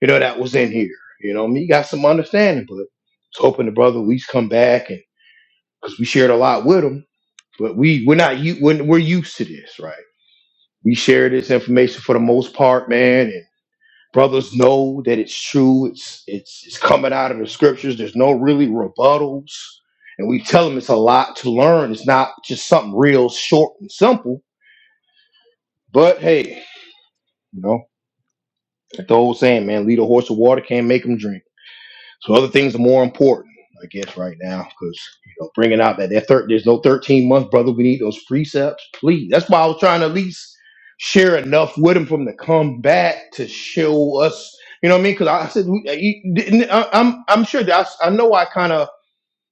Speaker 1: you know, that was in here. You know, me got some understanding, but it's hoping the brother at least come back and because we shared a lot with him, but we we're not you we're, we're used to this, right? We share this information for the most part, man, Brothers know that it's true. It's it's it's coming out of the scriptures. There's no really rebuttals, and we tell them it's a lot to learn. It's not just something real short and simple. But hey, you know, like the old saying, man, lead a horse to water, can't make him drink. So other things are more important, I guess, right now because you know bringing out that that thir- there's no 13 month brother. We need those precepts, please. That's why I was trying to at least share enough with him from the to come back to show us. You know what I mean? Because I said we- I- I- I'm I'm sure that I, I know I kind of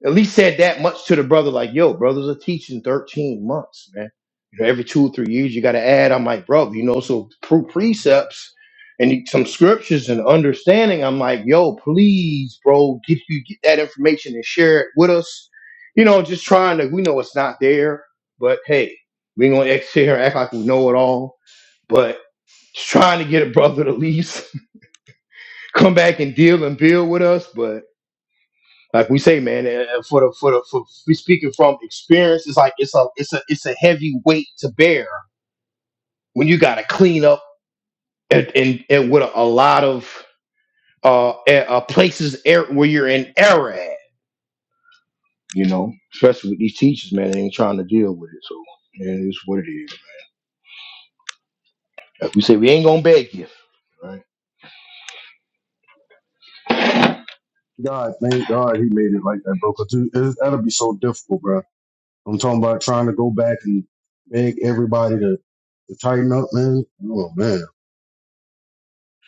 Speaker 1: at least said that much to the brother, like, yo, brothers are teaching 13 months, man. You know, every two or three years you gotta add. I'm like, bro, you know, so pre- precepts and some scriptures and understanding. I'm like, yo, please, bro, get you get that information and share it with us. You know, just trying to we know it's not there, but hey, we ain't gonna act sit here and act like we know it all. But just trying to get a brother to at least <laughs> come back and deal and build with us. but. Like we say, man, uh, for the for the for we speaking from experience, it's like it's a it's a it's a heavy weight to bear when you got to clean up and, and, and with a, a lot of uh, eh, uh places er- where you're in error at, you know, especially with these teachers, man, they ain't trying to deal with it. So man, it's what it is. Like we say, we ain't gonna beg you, right?
Speaker 3: God, thank God he made it like that, bro. Because that'll be so difficult, bro. I'm talking about trying to go back and beg the, the time. Oh man,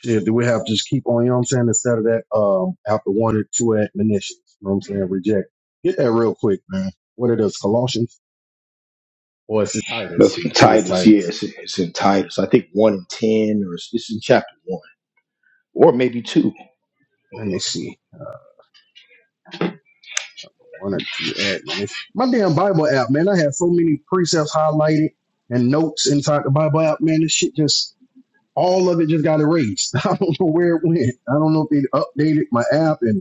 Speaker 3: shit. Do we have to just keep on? You know what I'm saying? Instead of that, um, after one or two admonitions, you know what I'm saying? Reject. Get that real quick, man. What are those Colossians or is it
Speaker 1: That's
Speaker 3: Titus?
Speaker 1: in
Speaker 3: I think it's
Speaker 1: Titus. Yeah,
Speaker 3: Titus.
Speaker 1: it's, it's in Titus. I think one in ten, or it's, it's in chapter one, or maybe two.
Speaker 3: Let me see. One or two admonitions. My damn Bible app, man. I have so many precepts highlighted and notes inside the Bible app, man. This shit just all of it just got erased. <laughs> I don't know where it went. I don't know if they updated my app and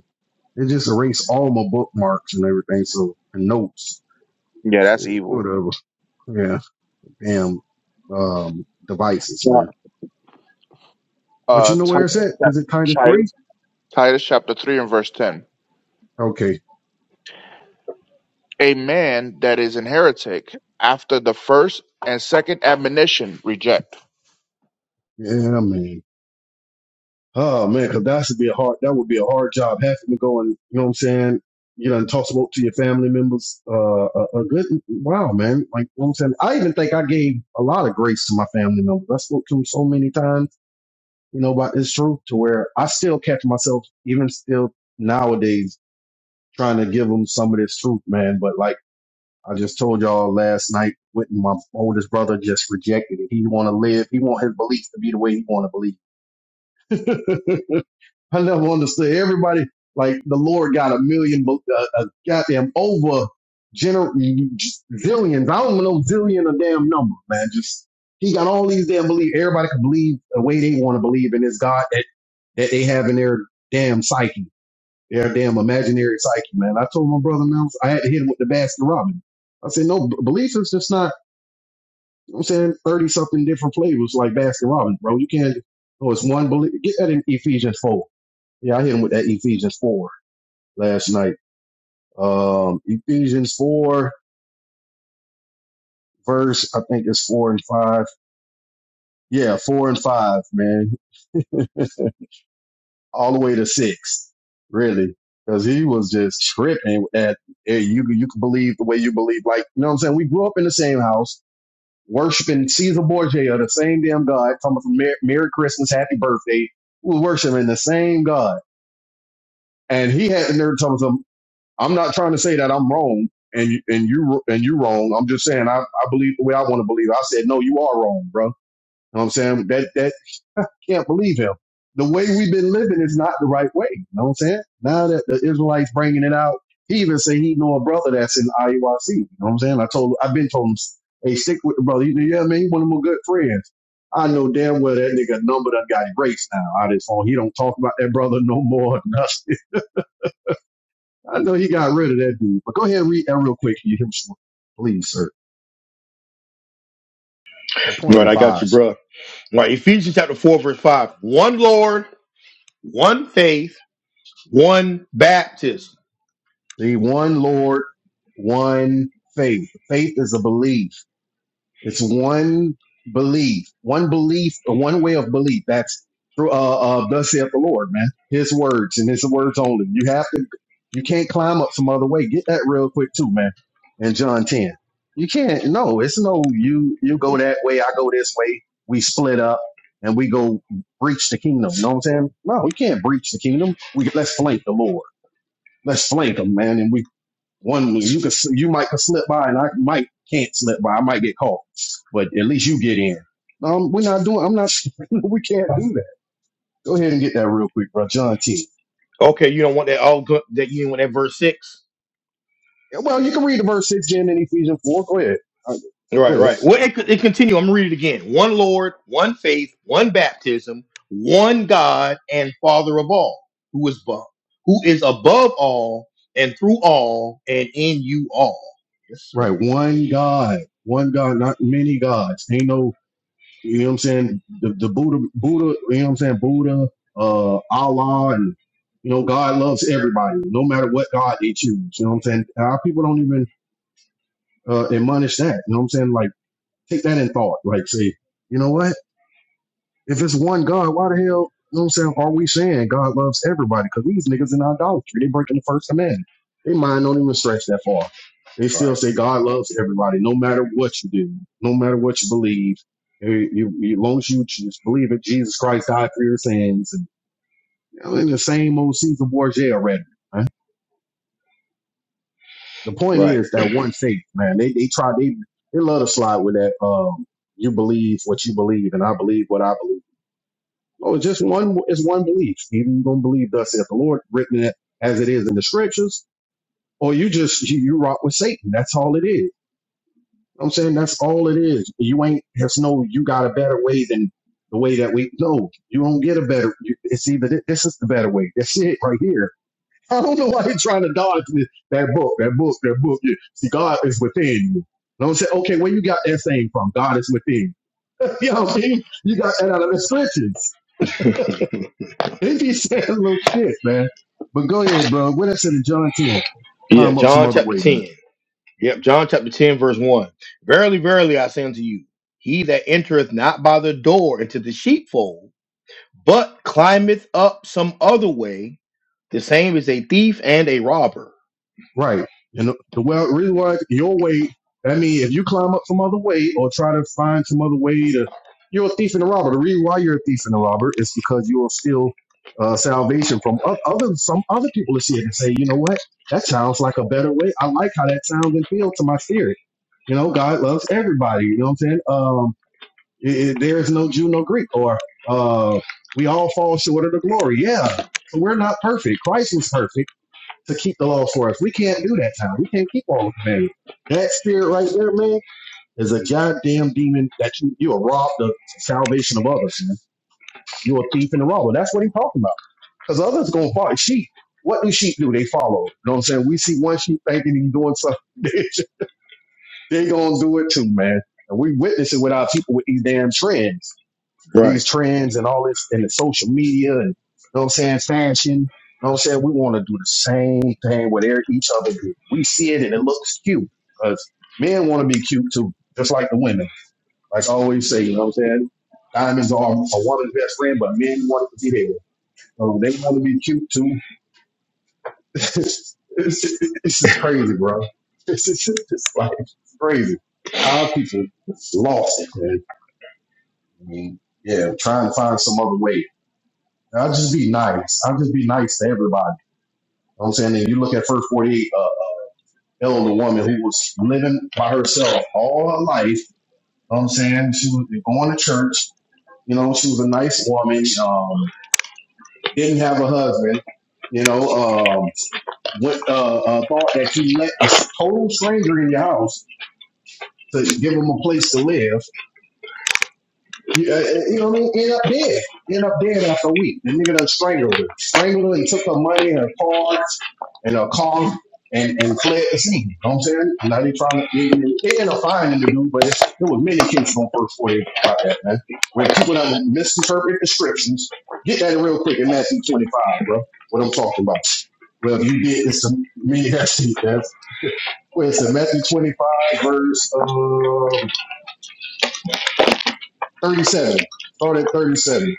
Speaker 3: It just erased all my bookmarks and everything, so and notes.
Speaker 2: Yeah,
Speaker 3: So
Speaker 2: that's evil.
Speaker 3: whatever. Yeah. Damn um devices, man. But
Speaker 2: uh,
Speaker 3: you know where
Speaker 2: Titus,
Speaker 3: it's at? Is it
Speaker 2: chapter,
Speaker 3: tied to three?
Speaker 2: Titus, Titus chapter 3 and verse 10.
Speaker 3: Okay.
Speaker 2: A man that is an heretic after the first and second admonition reject.
Speaker 3: Yeah, I mean. Oh man, cause that should be a hard that would be a hard job having to go and you know what I'm saying? You know, and toss smoke to your family members. Uh a, a good wow, man. Like you know what I'm saying? I even think I gave a lot of grace to my family members. I spoke to them so many times, you know, about this truth to where I still catch myself even still nowadays trying to give them some of this truth, man. But like I just told y'all last night, with my oldest brother just rejected it. He want to live. He want his beliefs to be the way he want to believe. <laughs> I never understood everybody. Like the Lord got a million, uh, a goddamn over gener- zillions. I don't know zillion a damn number, man. Just he got all these damn beliefs. Everybody can believe the way they want to believe in this God that that they have in their damn psyche they damn imaginary psyche, man. I told my brother, man, I had to hit him with the Baskin Robbins. I said, no, beliefs is just not, you know I'm saying, 30 something different flavors like Baskin Robbins, bro. You can't, Oh, it's one belief. Get that in Ephesians 4. Yeah, I hit him with that Ephesians 4 last night. Um, Ephesians 4, verse, I think it's 4 and 5. Yeah, 4 and 5, man <laughs> all the way to six, really, because he was just tripping at eh, you. You can believe the way you believe. Like you know what I'm saying. We grew up in the same house. worshiping Caesar Borgia, the same damn God, talking about Merry, Merry Christmas, Happy Birthday, we was worshiping the same God. And he had the nerve to tell him, I'm not trying to say that I'm wrong and you, and you, and you wrong. I'm just saying, I, I believe the way I want to believe. I said, no, you are wrong, bro. You know what I'm saying? That, that can't believe him. The way we've been living is not the right way. You know what I'm saying? Now that the Israelites bringing it out, he even say he know a brother that's in IUIC. You know what I'm saying? I told, I've been told him, hey, stick with the brother. You know, yeah, man, he one of my good friends. I know damn well that nigga number done got erased now out of his phone. He don't talk about that brother no more. Nothing. <laughs> I know he got rid of that dude. But go ahead and read that real quick. You hear me? please, sir. The point
Speaker 1: Right,
Speaker 3: in
Speaker 1: I got
Speaker 3: five.
Speaker 1: you, bro. Right, Ephesians chapter 4, verse 5. One Lord, one faith, one baptism.
Speaker 3: The one Lord, one faith. Faith is a belief. It's one belief, one belief, one way of belief. That's through, uh, uh, thus saith the Lord, man. His words and his words only. You have to, you can't climb up some other way. Get that real quick too, man. In John 10. You can't, no, it's no, you, you go that way. I go this way. We split up and we go breach the kingdom. You know what I'm saying? No, we can't breach the kingdom. We, let's flank the Lord. Let's flank him, man. And we one was you could you might could slip by, and I might can't slip by. I might get caught, but at least you get in. Um, we're not doing. I'm not. <laughs> we can't do that. Go ahead and get that real quick, bro. John T.
Speaker 1: Okay, you don't want that all good that you didn't want that verse 6.
Speaker 3: Yeah, Well, you can read the verse six again in Ephesians four. Go ahead. Uh, Go
Speaker 1: Right,
Speaker 3: ahead.
Speaker 1: right. Well, it, it continue. I'm gonna read it again. One Lord, one faith, one baptism, one God and Father of all, who is above, who is above all and through all and in you all. Yes, sir.
Speaker 3: Right. One God. One God. Not many gods. Ain't no. You know what I'm saying? The the Buddha Buddha. You know what I'm saying? Buddha. Uh, Allah and you know God loves everybody, no matter what God they choose. You know what I'm saying? Our people don't even uh, admonish that. You know what I'm saying? Like, take that in thought. Like, say, you know what? If it's one God, why the hell, you know what I'm saying, are we saying God loves everybody? Because these niggas in idolatry, they breaking the first commandment. They mind don't even stretch that far. They still
Speaker 1: Right,
Speaker 3: say God loves everybody, no matter what you do, no matter what you believe. You, you, you- as long as you just believe that Jesus Christ died for your sins, and you know, in the same old Caesar Borgia already. the point
Speaker 1: right.
Speaker 3: is that one faith, man. They they try they they love to slide with that. Um, you believe what you believe, and I believe what I believe. Oh, it's just one. It's one belief. Either you gonna believe thus saith the Lord, written it as it is in the scriptures, or you just you, you rock with Satan. That's all it is. I'm saying that's all it is. You ain't. There's no. You got a better way than the way that we. No, you don't get a better. You, it's either thi- this is the better way. That's it right here <laughs> I don't know why he's trying to dodge this. that book, that book, that book. Yeah. See, God is within you. Don't say, okay, where you got that saying from? God is within you. <laughs> You know what I mean? You got that out of the scriptures. <laughs>
Speaker 1: <laughs>
Speaker 3: If he said a little shit, man. But go ahead, bro. What I said in John 10.
Speaker 1: Yeah,
Speaker 3: Climb up some
Speaker 1: John
Speaker 3: other
Speaker 1: chapter
Speaker 3: way, man.
Speaker 1: 10. Yep, John chapter 10, verse 1. Verily, verily, I say unto you, he that entereth not by the door into the sheepfold, but climbeth up some other way, the same is a thief and a robber.
Speaker 3: Right. And the, the well, reason why your weight, I mean, if you climb up some other way or try to find some other way to, you're a thief and a robber. The reason why you're a thief and a robber is because you'll steal uh, salvation from o- other, some other people to see it and say, you know what? That sounds like a better way. I like how that sounds and feels to my spirit. You know, God loves everybody. You know what I'm saying? Um, it, it- there is no Jew, no Greek, or uh, we all fall short of the glory. Yeah. So we're not perfect. Christ was perfect to keep the laws for us. We can't do that, Tom. We can't keep all the commandments. That spirit right there, man, is a goddamn demon that you you will rob the salvation of others. Man. You're a thief and a robber. That's what he's talking about. Because others gonna follow sheep. What do sheep do? They follow. You know what I'm saying? We see one sheep thinking he's doing something. <laughs> they gonna do it too, man. And we witness it with our people with these damn trends these
Speaker 1: Right,
Speaker 3: trends and all this and the social media and you know what I'm saying, fashion. You know what I'm saying? We want to do the same thing with every- each other do. We see it and it looks cute because men want to be cute too, just like the women. Like I always say, you know what I'm saying? Diamonds are a woman's best friend, but men want it to be there. So they want to be cute too. <laughs> it's, it's just crazy, bro. <laughs> It's, just, it's, just like crazy. Our people lost it, man. I mean, yeah, trying to find some other way. I'll just be nice. I'll just be nice to everybody. You know what I'm saying, and you look at first 48, uh, elder woman who was living by herself all her life. You know what I'm saying? She was going to church. You know, she was a nice woman. Um, didn't have a husband. You know, um, went, uh, uh, thought that you let a total stranger in your house to give him a place to live. You, uh, uh, you know what I mean? End up dead. End up dead after a week. The nigga done strangled her. Strangled her and took her money and her cards and her car and, and fled the scene. You know what I'm saying? Now they trying to, they, they end up finding the dude, but it's, there was many cases on first forty about that, man, where people done misinterpret descriptions. Get that real quick in Matthew 25, bro. What I'm talking about. Well, if you did, it's a me. <laughs> That's that's well, it's in Matthew 25, verse um, 37. Start at 37.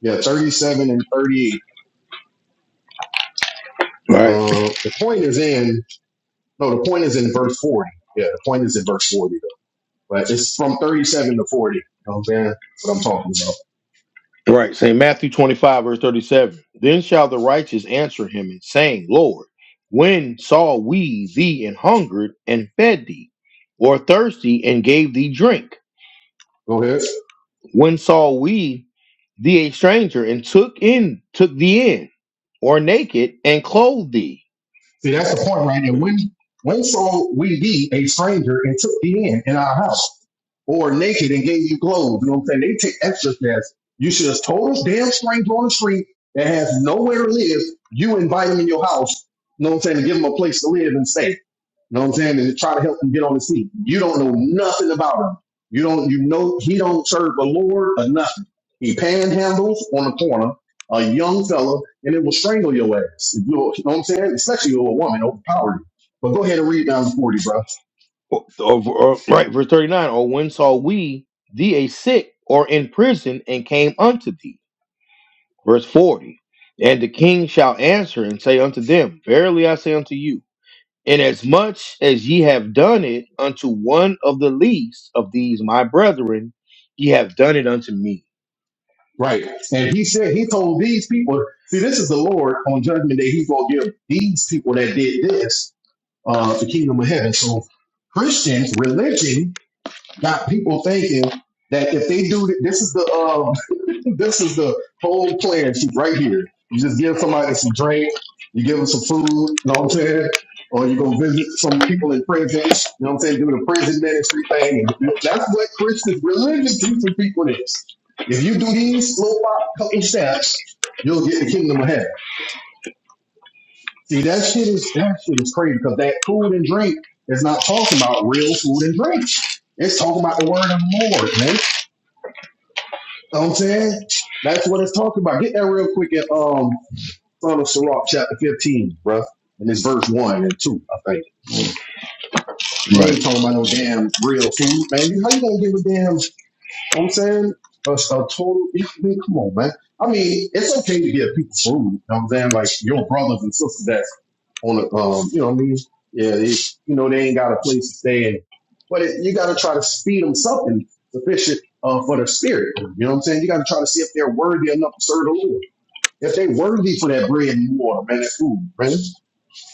Speaker 3: Yeah, 37 and 38.
Speaker 1: right,
Speaker 3: Uh, the point is in, no, the point is in verse 40. Yeah, the point is in verse 40, though. But it's from 37 to 40. You know what I'm saying? That's what I'm talking about.
Speaker 1: right. St. Matthew 25, verse 37. Then shall the righteous answer him and saying, Lord, when saw we thee and hungered and fed thee, or thirsty and gave thee drink?
Speaker 3: Go ahead.
Speaker 1: When saw we thee a stranger and took in took thee in, or naked and clothed thee?
Speaker 3: See, that's the point, right? And when, when so we be a stranger and took thee in, in our house, or naked and gave you clothes, you know what I'm saying? They take extra steps. You should have told a damn stranger on the street that has nowhere to live, you invite him in your house, you know what I'm saying, to give him a place to live and stay. You know what I'm saying? And try to help him get on his feet. You don't know nothing about him. You don't, you know, he don't serve the Lord or nothing. He panhandles on the corner, a young fella, and it will strangle your ass. You you know what I'm saying? Especially if you're a woman, overpower you. But go ahead and read down to 40, bro.
Speaker 1: Or, or- or- right, verse thirty nine. Or when saw we thee a sick or in prison and came unto thee? Verse forty. And the king shall answer and say unto them, Verily I say unto you, inasmuch as ye have done it unto one of the least of these my brethren, ye have done it unto me.
Speaker 3: Right. And he said, he told these people, see, this is the Lord on judgment day. He's going to give these people that did this, uh, the kingdom of heaven. So Christians, religion got people thinking that if they do th- this is the um <laughs> this is the whole plan sheet right here. You just give somebody some drink, you give them some food, you know what I'm saying? Or you go visit some people in prisons, you know what I'm saying? Do the prison ministry thing. And that's what Christians religion teaches people is. If you do these little fi- couple steps, you'll get the kingdom of heaven. See, that shit is that shit is crazy because that food and drink is not talking about real food and drink. It's talking about the word of the Lord, man. You Know what I'm saying? That's what it's talking about. Get that real quick in um Son of Sirach chapter 15, bruh. And it's verse one and two, I think. They ain't
Speaker 1: Right.
Speaker 3: talking about no damn real food, man. You- How you gonna give a damn, you know what I'm saying? A, a total, <laughs> I mean, come on, man. I mean, it's okay to give people food, you know what I'm saying? Like your brothers and sisters that's on a, um, you know what I mean? Yeah, they, you know, they ain't got a place to stay in. But it, you gotta try to feed them something sufficient uh, for the spirit. though. You know what I'm saying? You gotta try to see if they're worthy enough to serve the Lord. If they worthy for that bread and water, man, that food, man.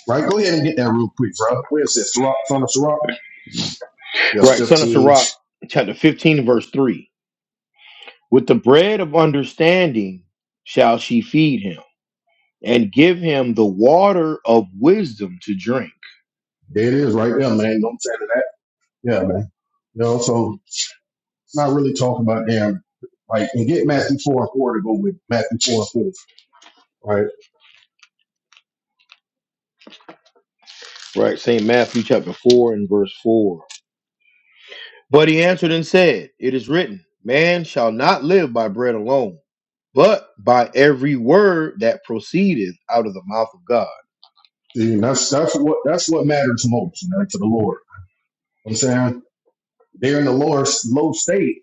Speaker 3: Right? Go ahead and get that real quick, bro. Where is it? Sirach, son of Sirach? Yes,
Speaker 1: Right. Son of
Speaker 3: 15.
Speaker 1: Sirach, chapter fifteen, verse three. With the bread of understanding shall she feed him, and give him the water of wisdom to drink.
Speaker 3: There it is right there, man. Don't say that? Yeah, man. You know, so not really talking about them, like and get Matthew four and four to go with Matthew four and four. Right?
Speaker 1: Right, St. Matthew chapter 4 and verse 4. But he answered and said, It is written, Man shall not live by bread alone, but by every word that proceedeth out of the mouth of God.
Speaker 3: See, and that's that's what that's what matters most, man, to the Lord. You know what I'm saying They're in the lower low state,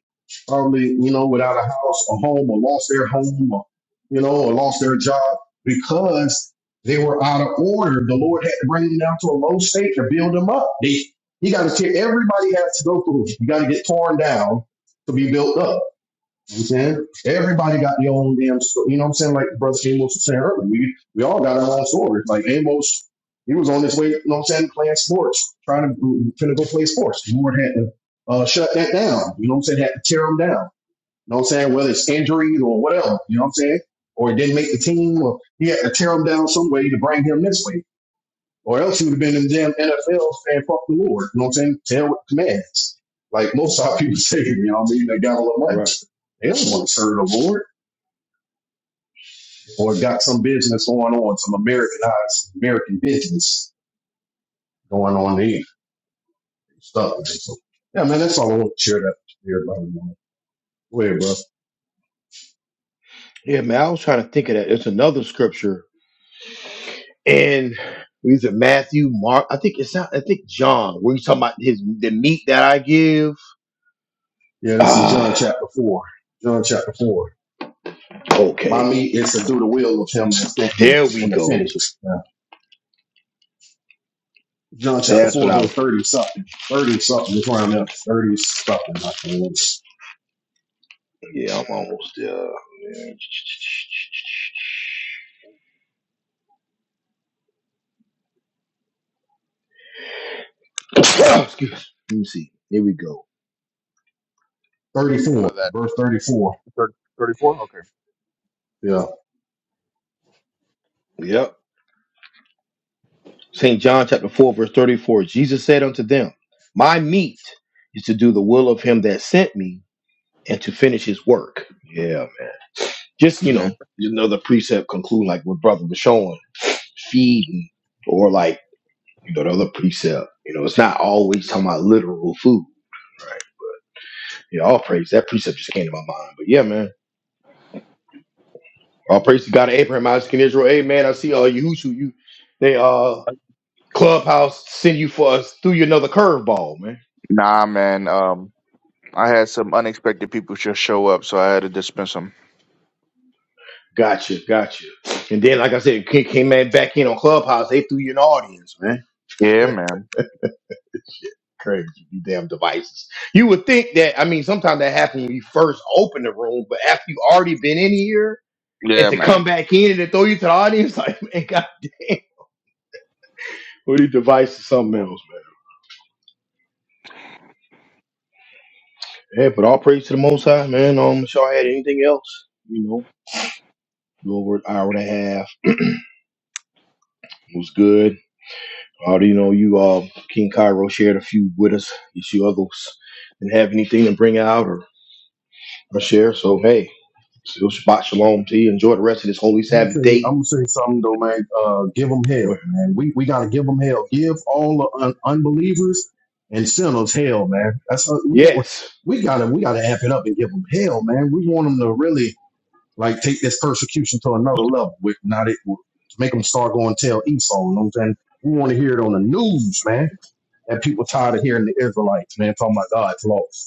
Speaker 3: probably you know without a house, a home, or lost their home, or you know, or lost their job because they were out of order. The Lord had to bring them down to a low state to build them up. They, he got to tear everybody has to go through. You got to get torn down to be built up. You know what I'm saying? Everybody got their own damn story. You know what I'm saying? Like Brother Amos was saying earlier, we, we all got our own stories. Like Amos, he was on his way, you know what I'm saying, playing sports, trying to, trying to go play sports. The Lord had to uh, shut that down. You know what I'm saying? Had to tear him down. You know what I'm saying? Whether it's injuries or whatever, you know what I'm saying? Or he didn't make the team, or he had to tear him down some way to bring him this way. Or else he would have been in the damn NFL saying fuck the Lord. You know what I'm saying? Tell with commands. Like most of our people <laughs> say, you know what I mean? They got a lot of money.
Speaker 1: Right.
Speaker 3: They don't want to serve the Lord or got some business going on, some Americanized American business going on there. Stuff. So, yeah, man, that's all I want to share that with everybody. Man. Go ahead, bro.
Speaker 1: Yeah, man, I was trying to think of that. It's another scripture. And either Matthew, Mark, I think it's not, I think John, where he's talking about his the meat that I give.
Speaker 3: Yeah, this is John
Speaker 1: Ah,
Speaker 3: chapter 4. John chapter 4. By
Speaker 1: Okay.
Speaker 3: me, is to do the will of him that sent me
Speaker 1: There we
Speaker 3: and to
Speaker 1: go.
Speaker 3: finish it. John chapter
Speaker 1: That's what
Speaker 3: 4,
Speaker 1: I
Speaker 3: verse
Speaker 1: was.
Speaker 3: 30 something. 30 something. Let's round up. 30 something. I can't remember.
Speaker 1: Yeah, I'm almost there. <coughs> <sniffs> Excuse me. Let me see. Here we go.
Speaker 3: 34.
Speaker 2: By that,
Speaker 3: Verse 34.
Speaker 2: 34? Okay.
Speaker 3: Yeah.
Speaker 1: Yep. St. John chapter 4, verse 34. Jesus said unto them, My meat is to do the will of him that sent me and to finish his work. Yeah. man. Just, you
Speaker 2: hmm
Speaker 1: know, another precept conclude like what brother was showing, feeding, or like, you know, the other precept. You know, it's not always talking about literal food. Yeah, all praise. That precept just came to my mind. But yeah, man. All praise to God of Abraham, Isaac, and Israel. Amen. I see uh Yahushua, you they uh clubhouse send you for us through you another curveball, man.
Speaker 2: Nah, man. Um, I had some unexpected people just show up, so I had to dismiss them.
Speaker 1: Gotcha, gotcha. And then like I said, came, came man back in on Clubhouse, they threw you an audience, man.
Speaker 2: Yeah, man.
Speaker 1: Crazy, you damn devices. You would think that I mean sometimes that happens when you first open the room, but after you already been in here and
Speaker 2: Yeah,
Speaker 1: to come
Speaker 2: man.
Speaker 1: back in and to throw you to the audience, <laughs> like man, god damn. What these devices something else, man. Yeah, but all praise to the most high, man. Um, if y'all had anything else, you know. over an hour and a half. It was good. Uh, you know, you uh, King Cairo shared a few with us. You see others didn't have anything to bring out or, or share. So hey, still Shabbat Shalom to you. Enjoy the rest of this holy
Speaker 3: I'm gonna say
Speaker 1: Sabbath day.
Speaker 3: I'm gonna say something though, man. Uh, give them hell, man. We we gotta give them hell. Give all the un- unbelievers and sinners hell, man. That's how we got.
Speaker 1: Yes.
Speaker 3: We gotta we gotta amp it up and give them hell, man. We want them to really like take this persecution to another level. With not it to make them start going tell Esau. You know what I'm saying? We want to hear it on the news, man And people tired of hearing the Israelites, man, talking about God's laws.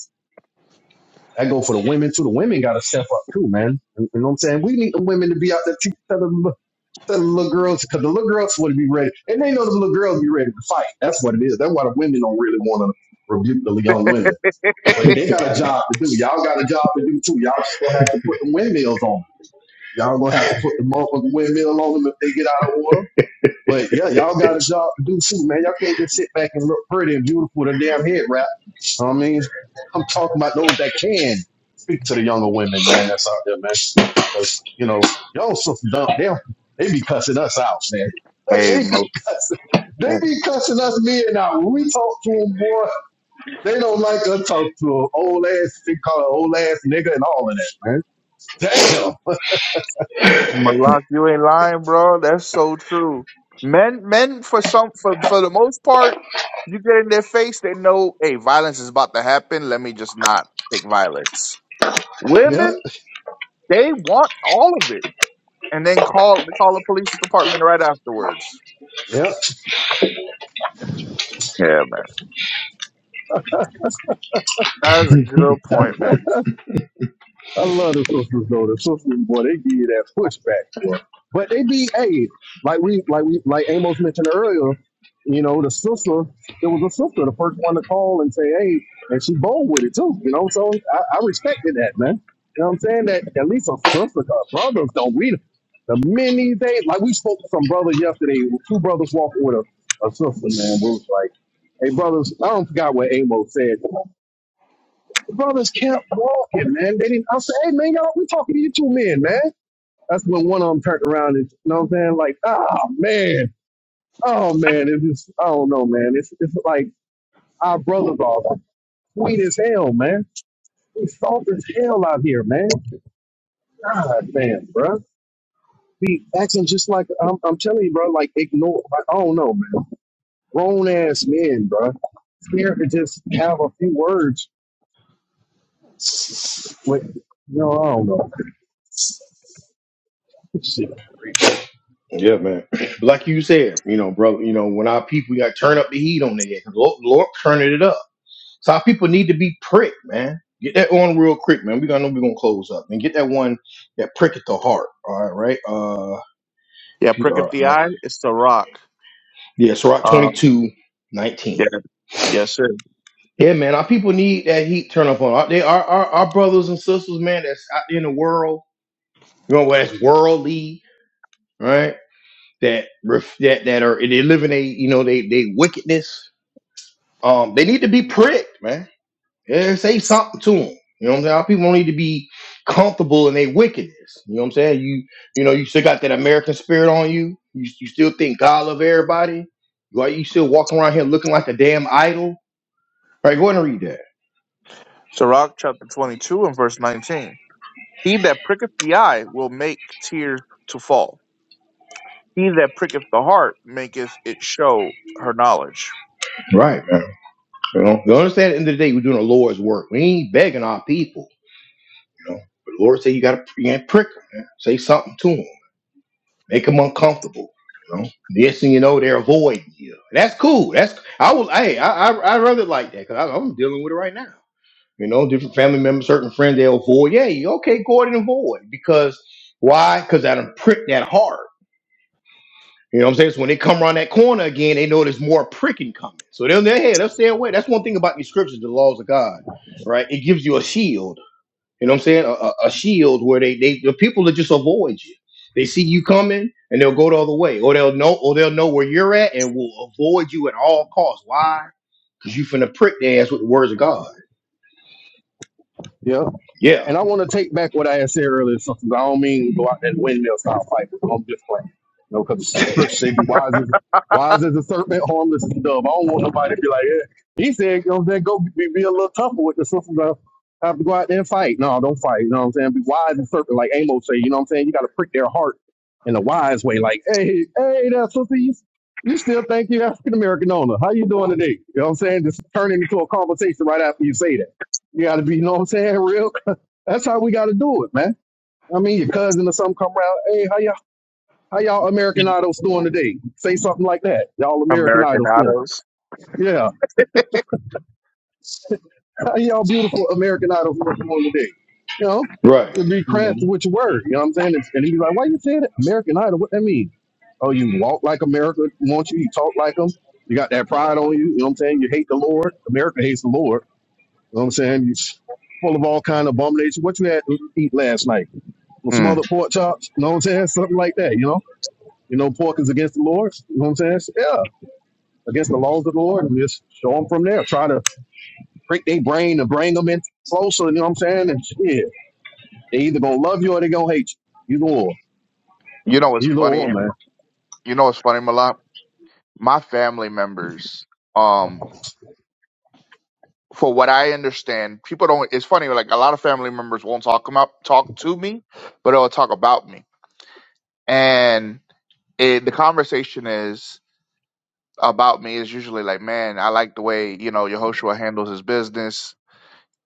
Speaker 3: That go for the women too. The women got to step up too, man. You know what I'm saying? We need the women to be out there teaching the, to the little girls because the little girls want to be ready, and they know the little girls be ready to fight. That's what it is. That's why the women don't really want to rebuke the young women, but they got a job to do. Y'all got a job to do too. Y'all just gonna have to put the windmills on. 'em. Y'all gonna have to put the motherfucking windmill on them if they get out of order but yeah, y'all got a job to do too, man. Y'all can't just sit back and look pretty and beautiful with a damn head wrap. I mean, I'm talking about those that can speak to the younger women, man. That's out there, man. Cause you know, y'all so dumb. They they be cussing us out, man. <laughs>
Speaker 2: Hey,
Speaker 3: They be
Speaker 2: Mo.
Speaker 3: cussing. They be cussing us men out. When we talk to them more, they don't like us talk to 'em. old ass. They call an old ass nigga and all of that, man. Damn.
Speaker 2: Malak, you ain't lying, bro. That's so true. Men, men, for some, for for the most part, you get in their face, they know, hey, violence is about to happen. Let me just not take violence.
Speaker 3: Yep.
Speaker 2: Women, they want all of it, and then call they call the police department right afterwards.
Speaker 3: Yep.
Speaker 2: Yeah, man, that's a good point, man.
Speaker 3: I love the sisters though. The sisters, boy, they give you that pushback, boy. But they be, hey, like we, like we, like Amos mentioned earlier. You know, the sister, there was a sister, the first one to call and say, hey, and she bold with it too. You know, so I, I respected that, man. You know what I'm saying? That at least a sister, 'cause brothers don't. We the many they like we spoke to some brother yesterday. Two brothers walking with a, a sister, man. We was like, hey, brothers, I don't forgot what Amos said. The brothers kept walking, man. They didn't. I said, "Hey, man, y'all, we talking to you two men, man." That's when one of them turned around and, you know what I'm saying? Like, oh man, oh man, it's just, I don't know, man. It's it's like our brothers are sweet as hell, man. We soft as hell out here, man. God, man, bro, Be acting just like I'm, I'm telling you, bro. Like ignore. Like, I don't know, man. Grown ass men, bro. Scared to just have a few words. With, you know, I don't know. <laughs> Shit.
Speaker 1: Yeah, man. <clears throat> But like you said, you know, bro, you know, when our people you got to turn up the heat on their head, 'cause Lord, Lord turning it up. So our people need to be pricked, man. Get that on real quick, man. We gonna know we're gonna close up and get that one that prick the heart. All right, right? Uh
Speaker 2: Yeah, prick of the
Speaker 1: PRICK
Speaker 2: eye, it's the rock.
Speaker 1: Yeah, Sirach
Speaker 2: Um,
Speaker 1: 22, 19.
Speaker 2: yeah, yes, sir.
Speaker 1: Yeah, man, our people need that heat turn up on. Our, they are our, our brothers and sisters, man, that's out there in the world, you know, that's worldly, right? That ref, that that are they live in a you know they they wickedness. Um, they need to be pricked, man. Yeah, say something to them. You know what I'm saying? Our people don't need to be comfortable in their wickedness. You know what I'm saying? You you know you still got that American spirit on you. You you still think God love everybody. Why you still walking around here looking like a damn idol? Right, go ahead and read that.
Speaker 2: Sirach chapter twenty-two and verse nineteen. He that pricketh the eye will make tears to fall. He that pricketh the heart maketh it show her knowledge.
Speaker 1: Right, man. You know, you understand at the end of the day, we're doing the Lord's work. We ain't begging our people, you know. But the Lord said you gotta you ain't prick them, man. Say something to them. Make them uncomfortable. You know? Next thing you know, they're avoiding you. That's cool. That's I was hey, I I, I rather like that because I'm dealing with it right now. You know, different family members, certain friends, they'll avoid. Yeah, you okay, go ahead and avoid. Because why? Because I done pricked that hard. You know what I'm saying? So when they come around that corner again, they know there's more pricking coming. So they're in their head, they'll stay away. That's one thing about these scriptures, the laws of God, right? It gives you a shield. You know what I'm saying? A, a, a shield where they, they the people that just avoid you. They see you coming and they'll go the other way. Or they'll know or they'll know where you're at and will avoid you at all costs. Why? Because you finna prick their ass with the words of God.
Speaker 3: Yeah.
Speaker 1: Yeah.
Speaker 3: And I want to take back what I had said earlier. So 'cause I don't mean go out that windmill style fight. I'm just playing. You know, because the scripture say be wise as wise as a serpent, harmless as a dove. I don't want nobody to be like, yeah. He said, you know, then go be, be a little tougher with the sisters. uh, Have to go out there and fight. No, don't fight. You know what I'm saying? Be wise as a serpent, like Amos say. You know what I'm saying? You got to prick their heart in a wise way. Like, hey, hey, that sister, you, you still think you are African American owner? How you doing today? You know what I'm saying? Just turn it into a conversation right after you say that. You got to be, you know what I'm saying, <laughs> real that's how we got to do it, man. I mean, your cousin or something come around. Hey, how y'all? How y'all American Idols doing today? Say something like that. Y'all American Idols doing?
Speaker 2: Americanados.
Speaker 3: Yeah. <laughs> How y'all beautiful American Idols doing today? You know,
Speaker 1: Right.
Speaker 3: it'd be crafty
Speaker 2: Mhm. <laughs>
Speaker 3: with your word. You know what I'm saying? And he'd be like, "Why you saying that? American Idol? What that mean? Oh, you walk like America wants you. You talk like them. You got that pride on you. You know what I'm saying? You hate the Lord. America hates the Lord. You know what I'm saying? You full of all kind of abomination. What you had to eat last night? with some
Speaker 2: Mm.
Speaker 3: other pork chops, you know what I'm saying? Something like that, you know? You know, pork is against the Lord, you know what I'm saying? So, yeah, against the laws of the Lord, and just show them from there. Try to prick their brain and bring them in closer, you know what I'm saying? And shit, they either gonna love you or they gonna hate you. Either or,
Speaker 2: You know what's
Speaker 3: either
Speaker 2: funny?
Speaker 3: or, man.
Speaker 2: You know what's funny, Malak? My family members, um, for what I understand, people don't. It's funny, like a lot of family members won't talk about talk to me, but they'll talk about me. And it, the conversation is about me is usually like, man, I like the way you know Yehoshua handles his business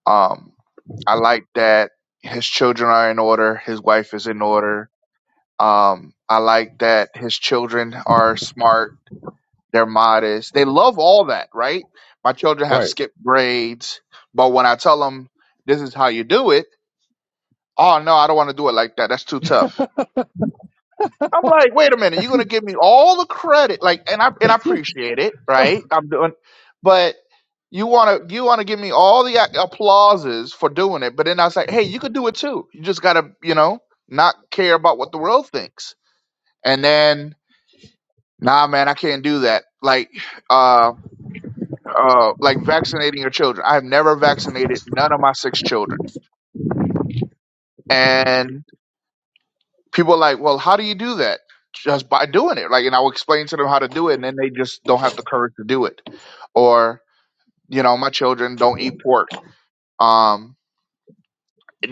Speaker 2: Um, I like that his children are in order, his wife is in order. Um, I like that his children are smart, they're modest, they love all that, right? My children
Speaker 3: Right.
Speaker 2: have skipped grades, but when I tell them this is how you do it, oh no, I don't want to do it like that. That's too tough. I'm like, wait a minute, you're gonna give me all the credit, like, and I and I appreciate it, right? I'm doing, but you wanna you wanna give me all the a- applauses for doing it, but then I was like, hey, you could do it too. You just gotta, you know, not care about what the world thinks. And then, nah, man, I can't do that. Like, uh, uh, like vaccinating your children. I have never vaccinated none of my six children, and. people are like, well, how do you do that? Just by doing it. Like, and I'll explain to them how to do it, and then they just don't have the courage to do it. Or, you know, my children don't eat pork. Um,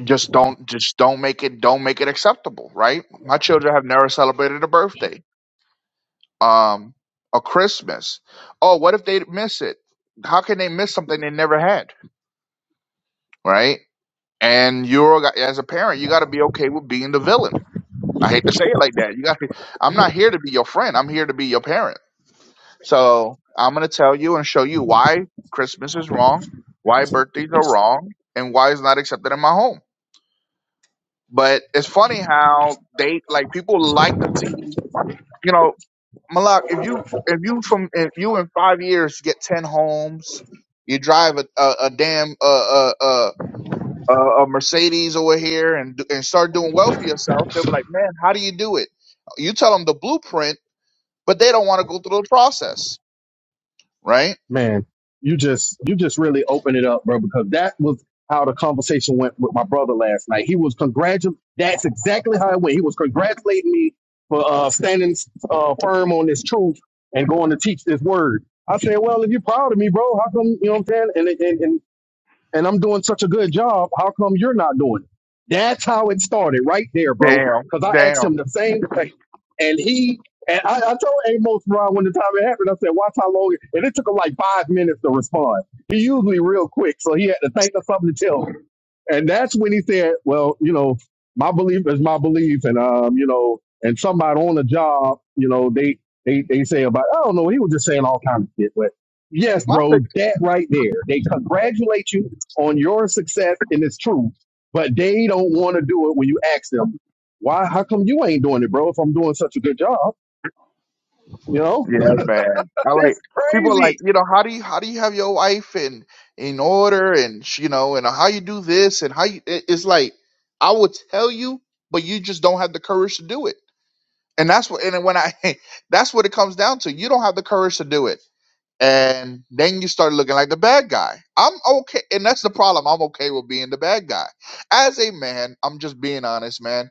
Speaker 2: just don't, just don't make it, don't make it acceptable, right? My children have never celebrated a birthday, um, a Christmas. Oh, what if they miss it? How can they miss something they never had, right? And you're as a parent, you got to be okay with being the villain. I hate to say it like that. You got, to I'm not here to be your friend. I'm here to be your parent So I'm going to tell you and show you why Christmas is wrong, why birthdays are wrong, and why it's not accepted in my home. But it's funny how they like people like to see, you know, Malak, if you if you from if you in five years get ten homes, you drive a a, a damn uh uh uh a a Mercedes over here and do- and start doing well for yourself, they'll be like, man, how do you do it? You tell them the blueprint, but they don't want to go through the process, right?
Speaker 3: man, you just you just really opened it up, bro, because that was how the conversation went with my brother last night. He was congratul. That's exactly how it went. He was congratulating me for uh, standing uh, firm on this truth and going to teach this word. I said, well, if you're proud of me, bro, how come you know what I'm saying? And and, and and I'm doing such a good job. How come you're not doing it? That's how it started right there, bro.
Speaker 2: Damn,
Speaker 3: Because I
Speaker 2: damn.
Speaker 3: asked him the same thing. And he, and I, I told Amos Ron when the time it happened, I said, watch how long. it-" And it took him like five minutes to respond. He usually real quick. So he had to think of something to tell me and that's when he said, "Well, you know, my belief is my belief, and um, you know, and somebody on the job, you know, they they they say about, I don't know, he was just saying all kinds of shit, but yes,
Speaker 2: My
Speaker 3: bro,
Speaker 2: pick.
Speaker 3: that right there, they congratulate you on your success, and it's true, but they don't want to do it when you ask them, why? How come you ain't doing it, bro? If I'm doing such a good job, you know,
Speaker 2: Yeah, man. I
Speaker 3: <laughs>
Speaker 2: like
Speaker 3: it's
Speaker 2: people are
Speaker 3: crazy
Speaker 2: like you know how do you how do you have your wife in in order and sh- you know and how you do this and how you it- it's like I will tell you, but you just don't have the courage to do it. And that's what and when I <laughs> that's what it comes down to. You don't have the courage to do it, and then you start looking like the bad guy. I'm okay, and that's the problem. I'm okay with being the bad guy. As a man, I'm just being honest, man.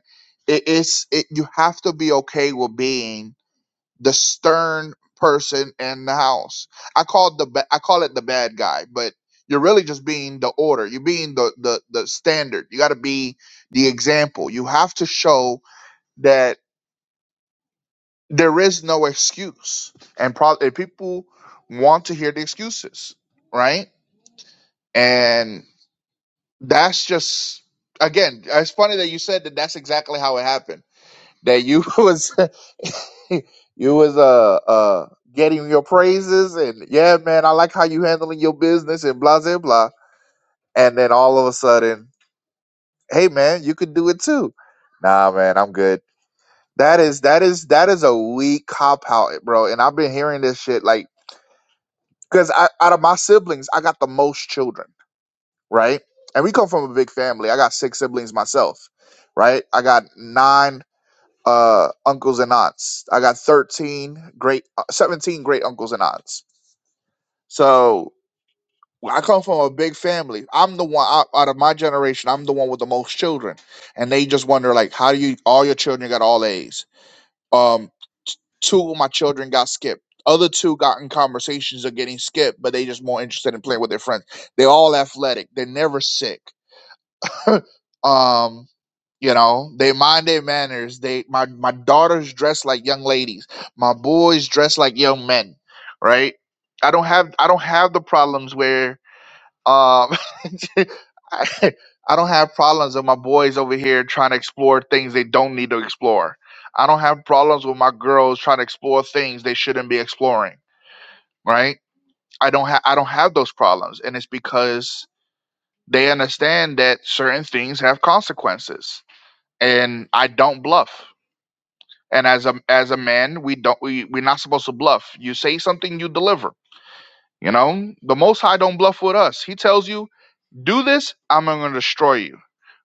Speaker 2: it's it, you have to be okay with being the stern person in the house. I called the ba- I call it the bad guy, but you're really just being the order. You're being the the the standard. You got to be the example. You have to show that there is no excuse, and probably people want to hear the excuses, right? And that's just again, it's funny that you said that. That's exactly how it happened that you <laughs> was <laughs> you was uh uh getting your praises and yeah man i like how you handling your business and blah blah blah and then all of a sudden hey man you could do it too nah man i'm good that is that is that is a weak cop out bro and i've been hearing this shit like because I out of my siblings i got the most children right and we come from a big family i got six siblings myself right i got nine uh, uncles and aunts. I got 13 great, uh, 17 great uncles and aunts. So well, I come from a big family. I'm the one out, out of my generation. I'm the one with the most children, and they just wonder like, how do you? All your children got all A's. Um, two of my children got skipped. Other two got in conversations of getting skipped, but they just more interested in playing with their friends. They all athletic. They're never sick. Um, you know, they mind their manners. They my my daughters dress like young ladies. My boys dress like young men, right? I don't have I don't have the problems where um <laughs> I, I don't have problems with my boys over here trying to explore things they don't need to explore. I don't have problems with my girls trying to explore things they shouldn't be exploring, right? I don't have I don't have those problems and it's because they understand that certain things have consequences and I don't bluff. And as a as a man, we don't we we're not supposed to bluff. You say something, you deliver. You know, the Most High don't bluff with us. He tells you, "Do this, I'm going to destroy you."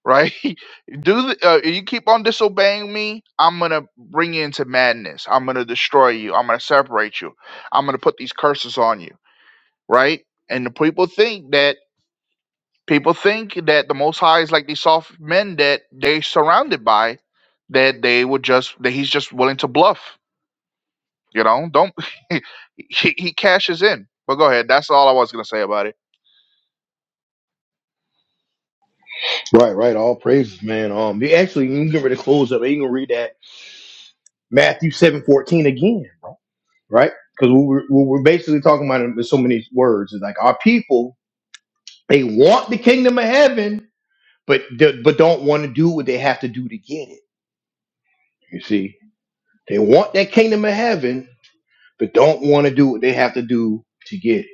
Speaker 2: Right? <laughs> Do the, uh, you keep on disobeying me? I'm going to bring you into madness. I'm going to destroy you. I'm going to separate you. I'm going to put these curses on you. Right? And the people think that People think that the Most High is like these soft men that they're surrounded by, that they would just that he's just willing to bluff. You know, don't <laughs> he, he cashes in. But go ahead. That's all I was gonna say about it.
Speaker 1: Right, right. All praises, man. Um you actually you can get ready to close up. You can read that Matthew seven fourteen again. right? Because what we're, what we're basically talking about in so many words is like our people they want the kingdom of heaven, but d- but don't want to do what they have to do to get it. You see, they want that kingdom of heaven, but don't want to do what they have to do to get it.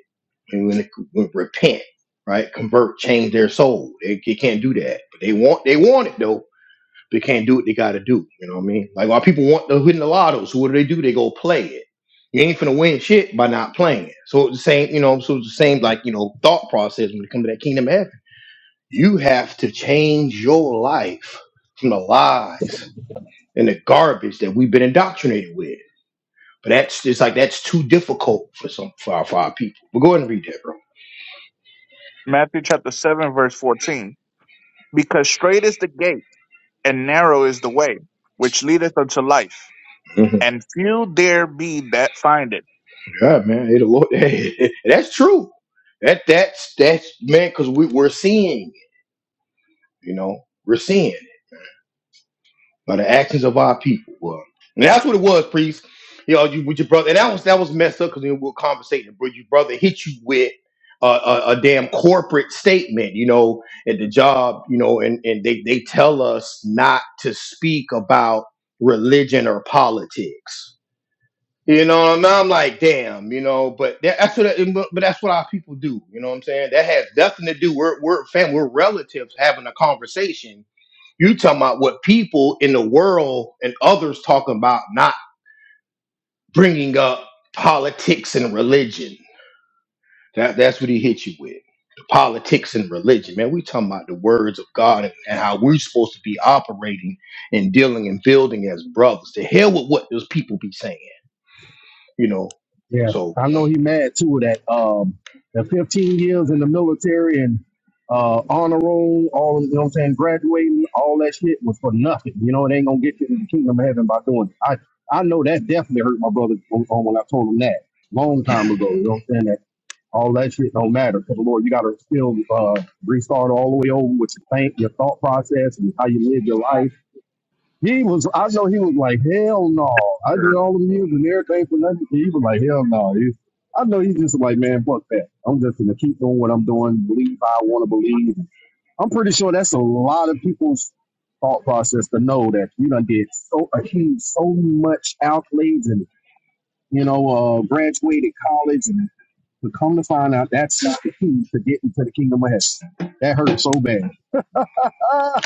Speaker 1: And when it, when it repent, right, convert, change their soul, they, they can't do that. But they want they want it though. They can't do what they got to do. You know what I mean? Like while people want to win the lotto, so what do they do? They go play it. You ain't finna win shit by not playing it. So it's the same, you know. So it's the same, like you know, thought process when it comes to that kingdom of heaven. You have to change your life from the lies and the garbage that we've been indoctrinated with. But that's it's like that's too difficult for some for our, for our people. But go ahead and read that, bro.
Speaker 2: Matthew chapter seven verse fourteen. Because straight is the gate and narrow is the way which leadeth unto life,
Speaker 1: Mhm.
Speaker 2: and few there be that find it.
Speaker 1: Yeah, man. Hey, the Lord. <laughs> that's true. That that's that's man, because we we're seeing, it, you know, we're seeing. it. by the actions of our people. Well, and that's what it was, priest. You know, you with your brother, and that was that was messed up because we were conversating. But your brother hit you with a, a, a damn corporate statement, you know, at the job, you know, and and they they tell us not to speak about religion or politics. You know, and I'm like, damn, you know, but that, that's what, but that's what our people do. You know what I'm saying? That has nothing to do. We're we're family. We're relatives having a conversation you talking about what people in the world and others talking about, not bringing up politics and religion. That that's what he hit you with. The politics and religion, man. We talking about the words of God and, and how we're supposed to be operating and dealing and building as brothers. To hell with what those people be saying, you know.
Speaker 3: Yeah,
Speaker 1: So
Speaker 3: I know he mad too that um the 15 years in the military and uh honor roll, all you know what I'm saying, graduating, all that shit was for nothing. You know, it ain't gonna get you in the kingdom of heaven by doing it. I I know that definitely hurt my brother on, on when I told him that long time ago. You know what I'm saying? That all that shit don't matter because Lord, you gotta still uh restart all the way over with your think, your thought process and how you live your life he was, I know he was like, hell no. I did
Speaker 2: Sure.
Speaker 3: all the music and everything for nothing. He was like, hell no. He- I know he's just like, man, fuck that. I'm just going to keep doing what I'm doing, believe I want to believe. I'm pretty sure that's a lot of people's thought process to know that you done did so, achieved so much accolades and, you know, uh, graduated college and to come to find out that's not the key to get into the kingdom of heaven. That hurt so bad. Ah,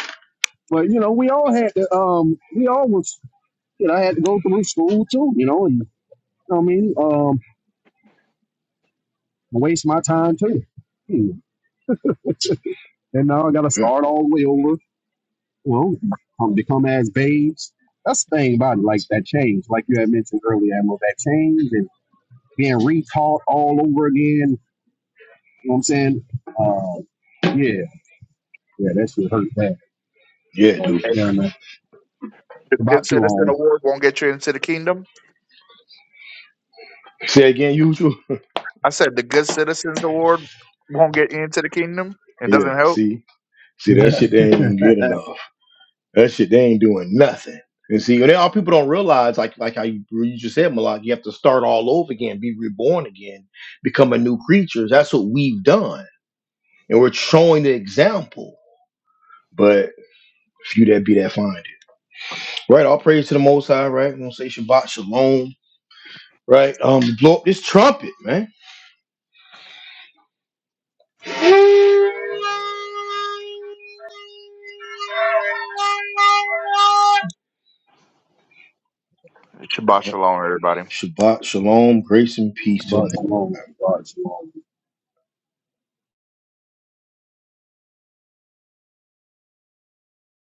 Speaker 3: but you know, we all had to, um, we all was you know, I had to go through school too, you know, and you know what I mean, um, waste my time too. Hmm. <laughs> and now I got to
Speaker 1: yeah,
Speaker 3: start all the way over. Well, um, become as babes. That's the thing about it, like that change, like you had mentioned earlier, Admiral, that change and being retaught all over again. You know what I'm saying? Uh, yeah, yeah, that should hurt bad.
Speaker 1: yeah,
Speaker 3: But,
Speaker 1: dude.
Speaker 2: And
Speaker 3: you know,
Speaker 2: The Good
Speaker 3: about too
Speaker 2: Citizen
Speaker 3: long.
Speaker 2: Award won't get you into the kingdom.
Speaker 1: Say again, usual. <laughs>
Speaker 2: I said the Good Citizens Award won't get you into the kingdom. It
Speaker 1: Yeah,
Speaker 2: doesn't help.
Speaker 1: see, see that
Speaker 3: Yeah.
Speaker 1: shit they ain't
Speaker 3: <laughs>
Speaker 1: even getting enough. That shit, they ain't doing nothing. And see, they all people don't realize, like like how you, you just said, Malak, you have to start all over again, be reborn again, become a new creature. That's what we've done, and we're showing the example. But few that be that find it, right? All praise to the Most High, right? We gonna say Shabbat Shalom, right? Um, blow up this trumpet, man.
Speaker 2: Shabbat shalom, everybody.
Speaker 1: Shabbat Shalom, grace and peace till next.
Speaker 3: about too long. About too long.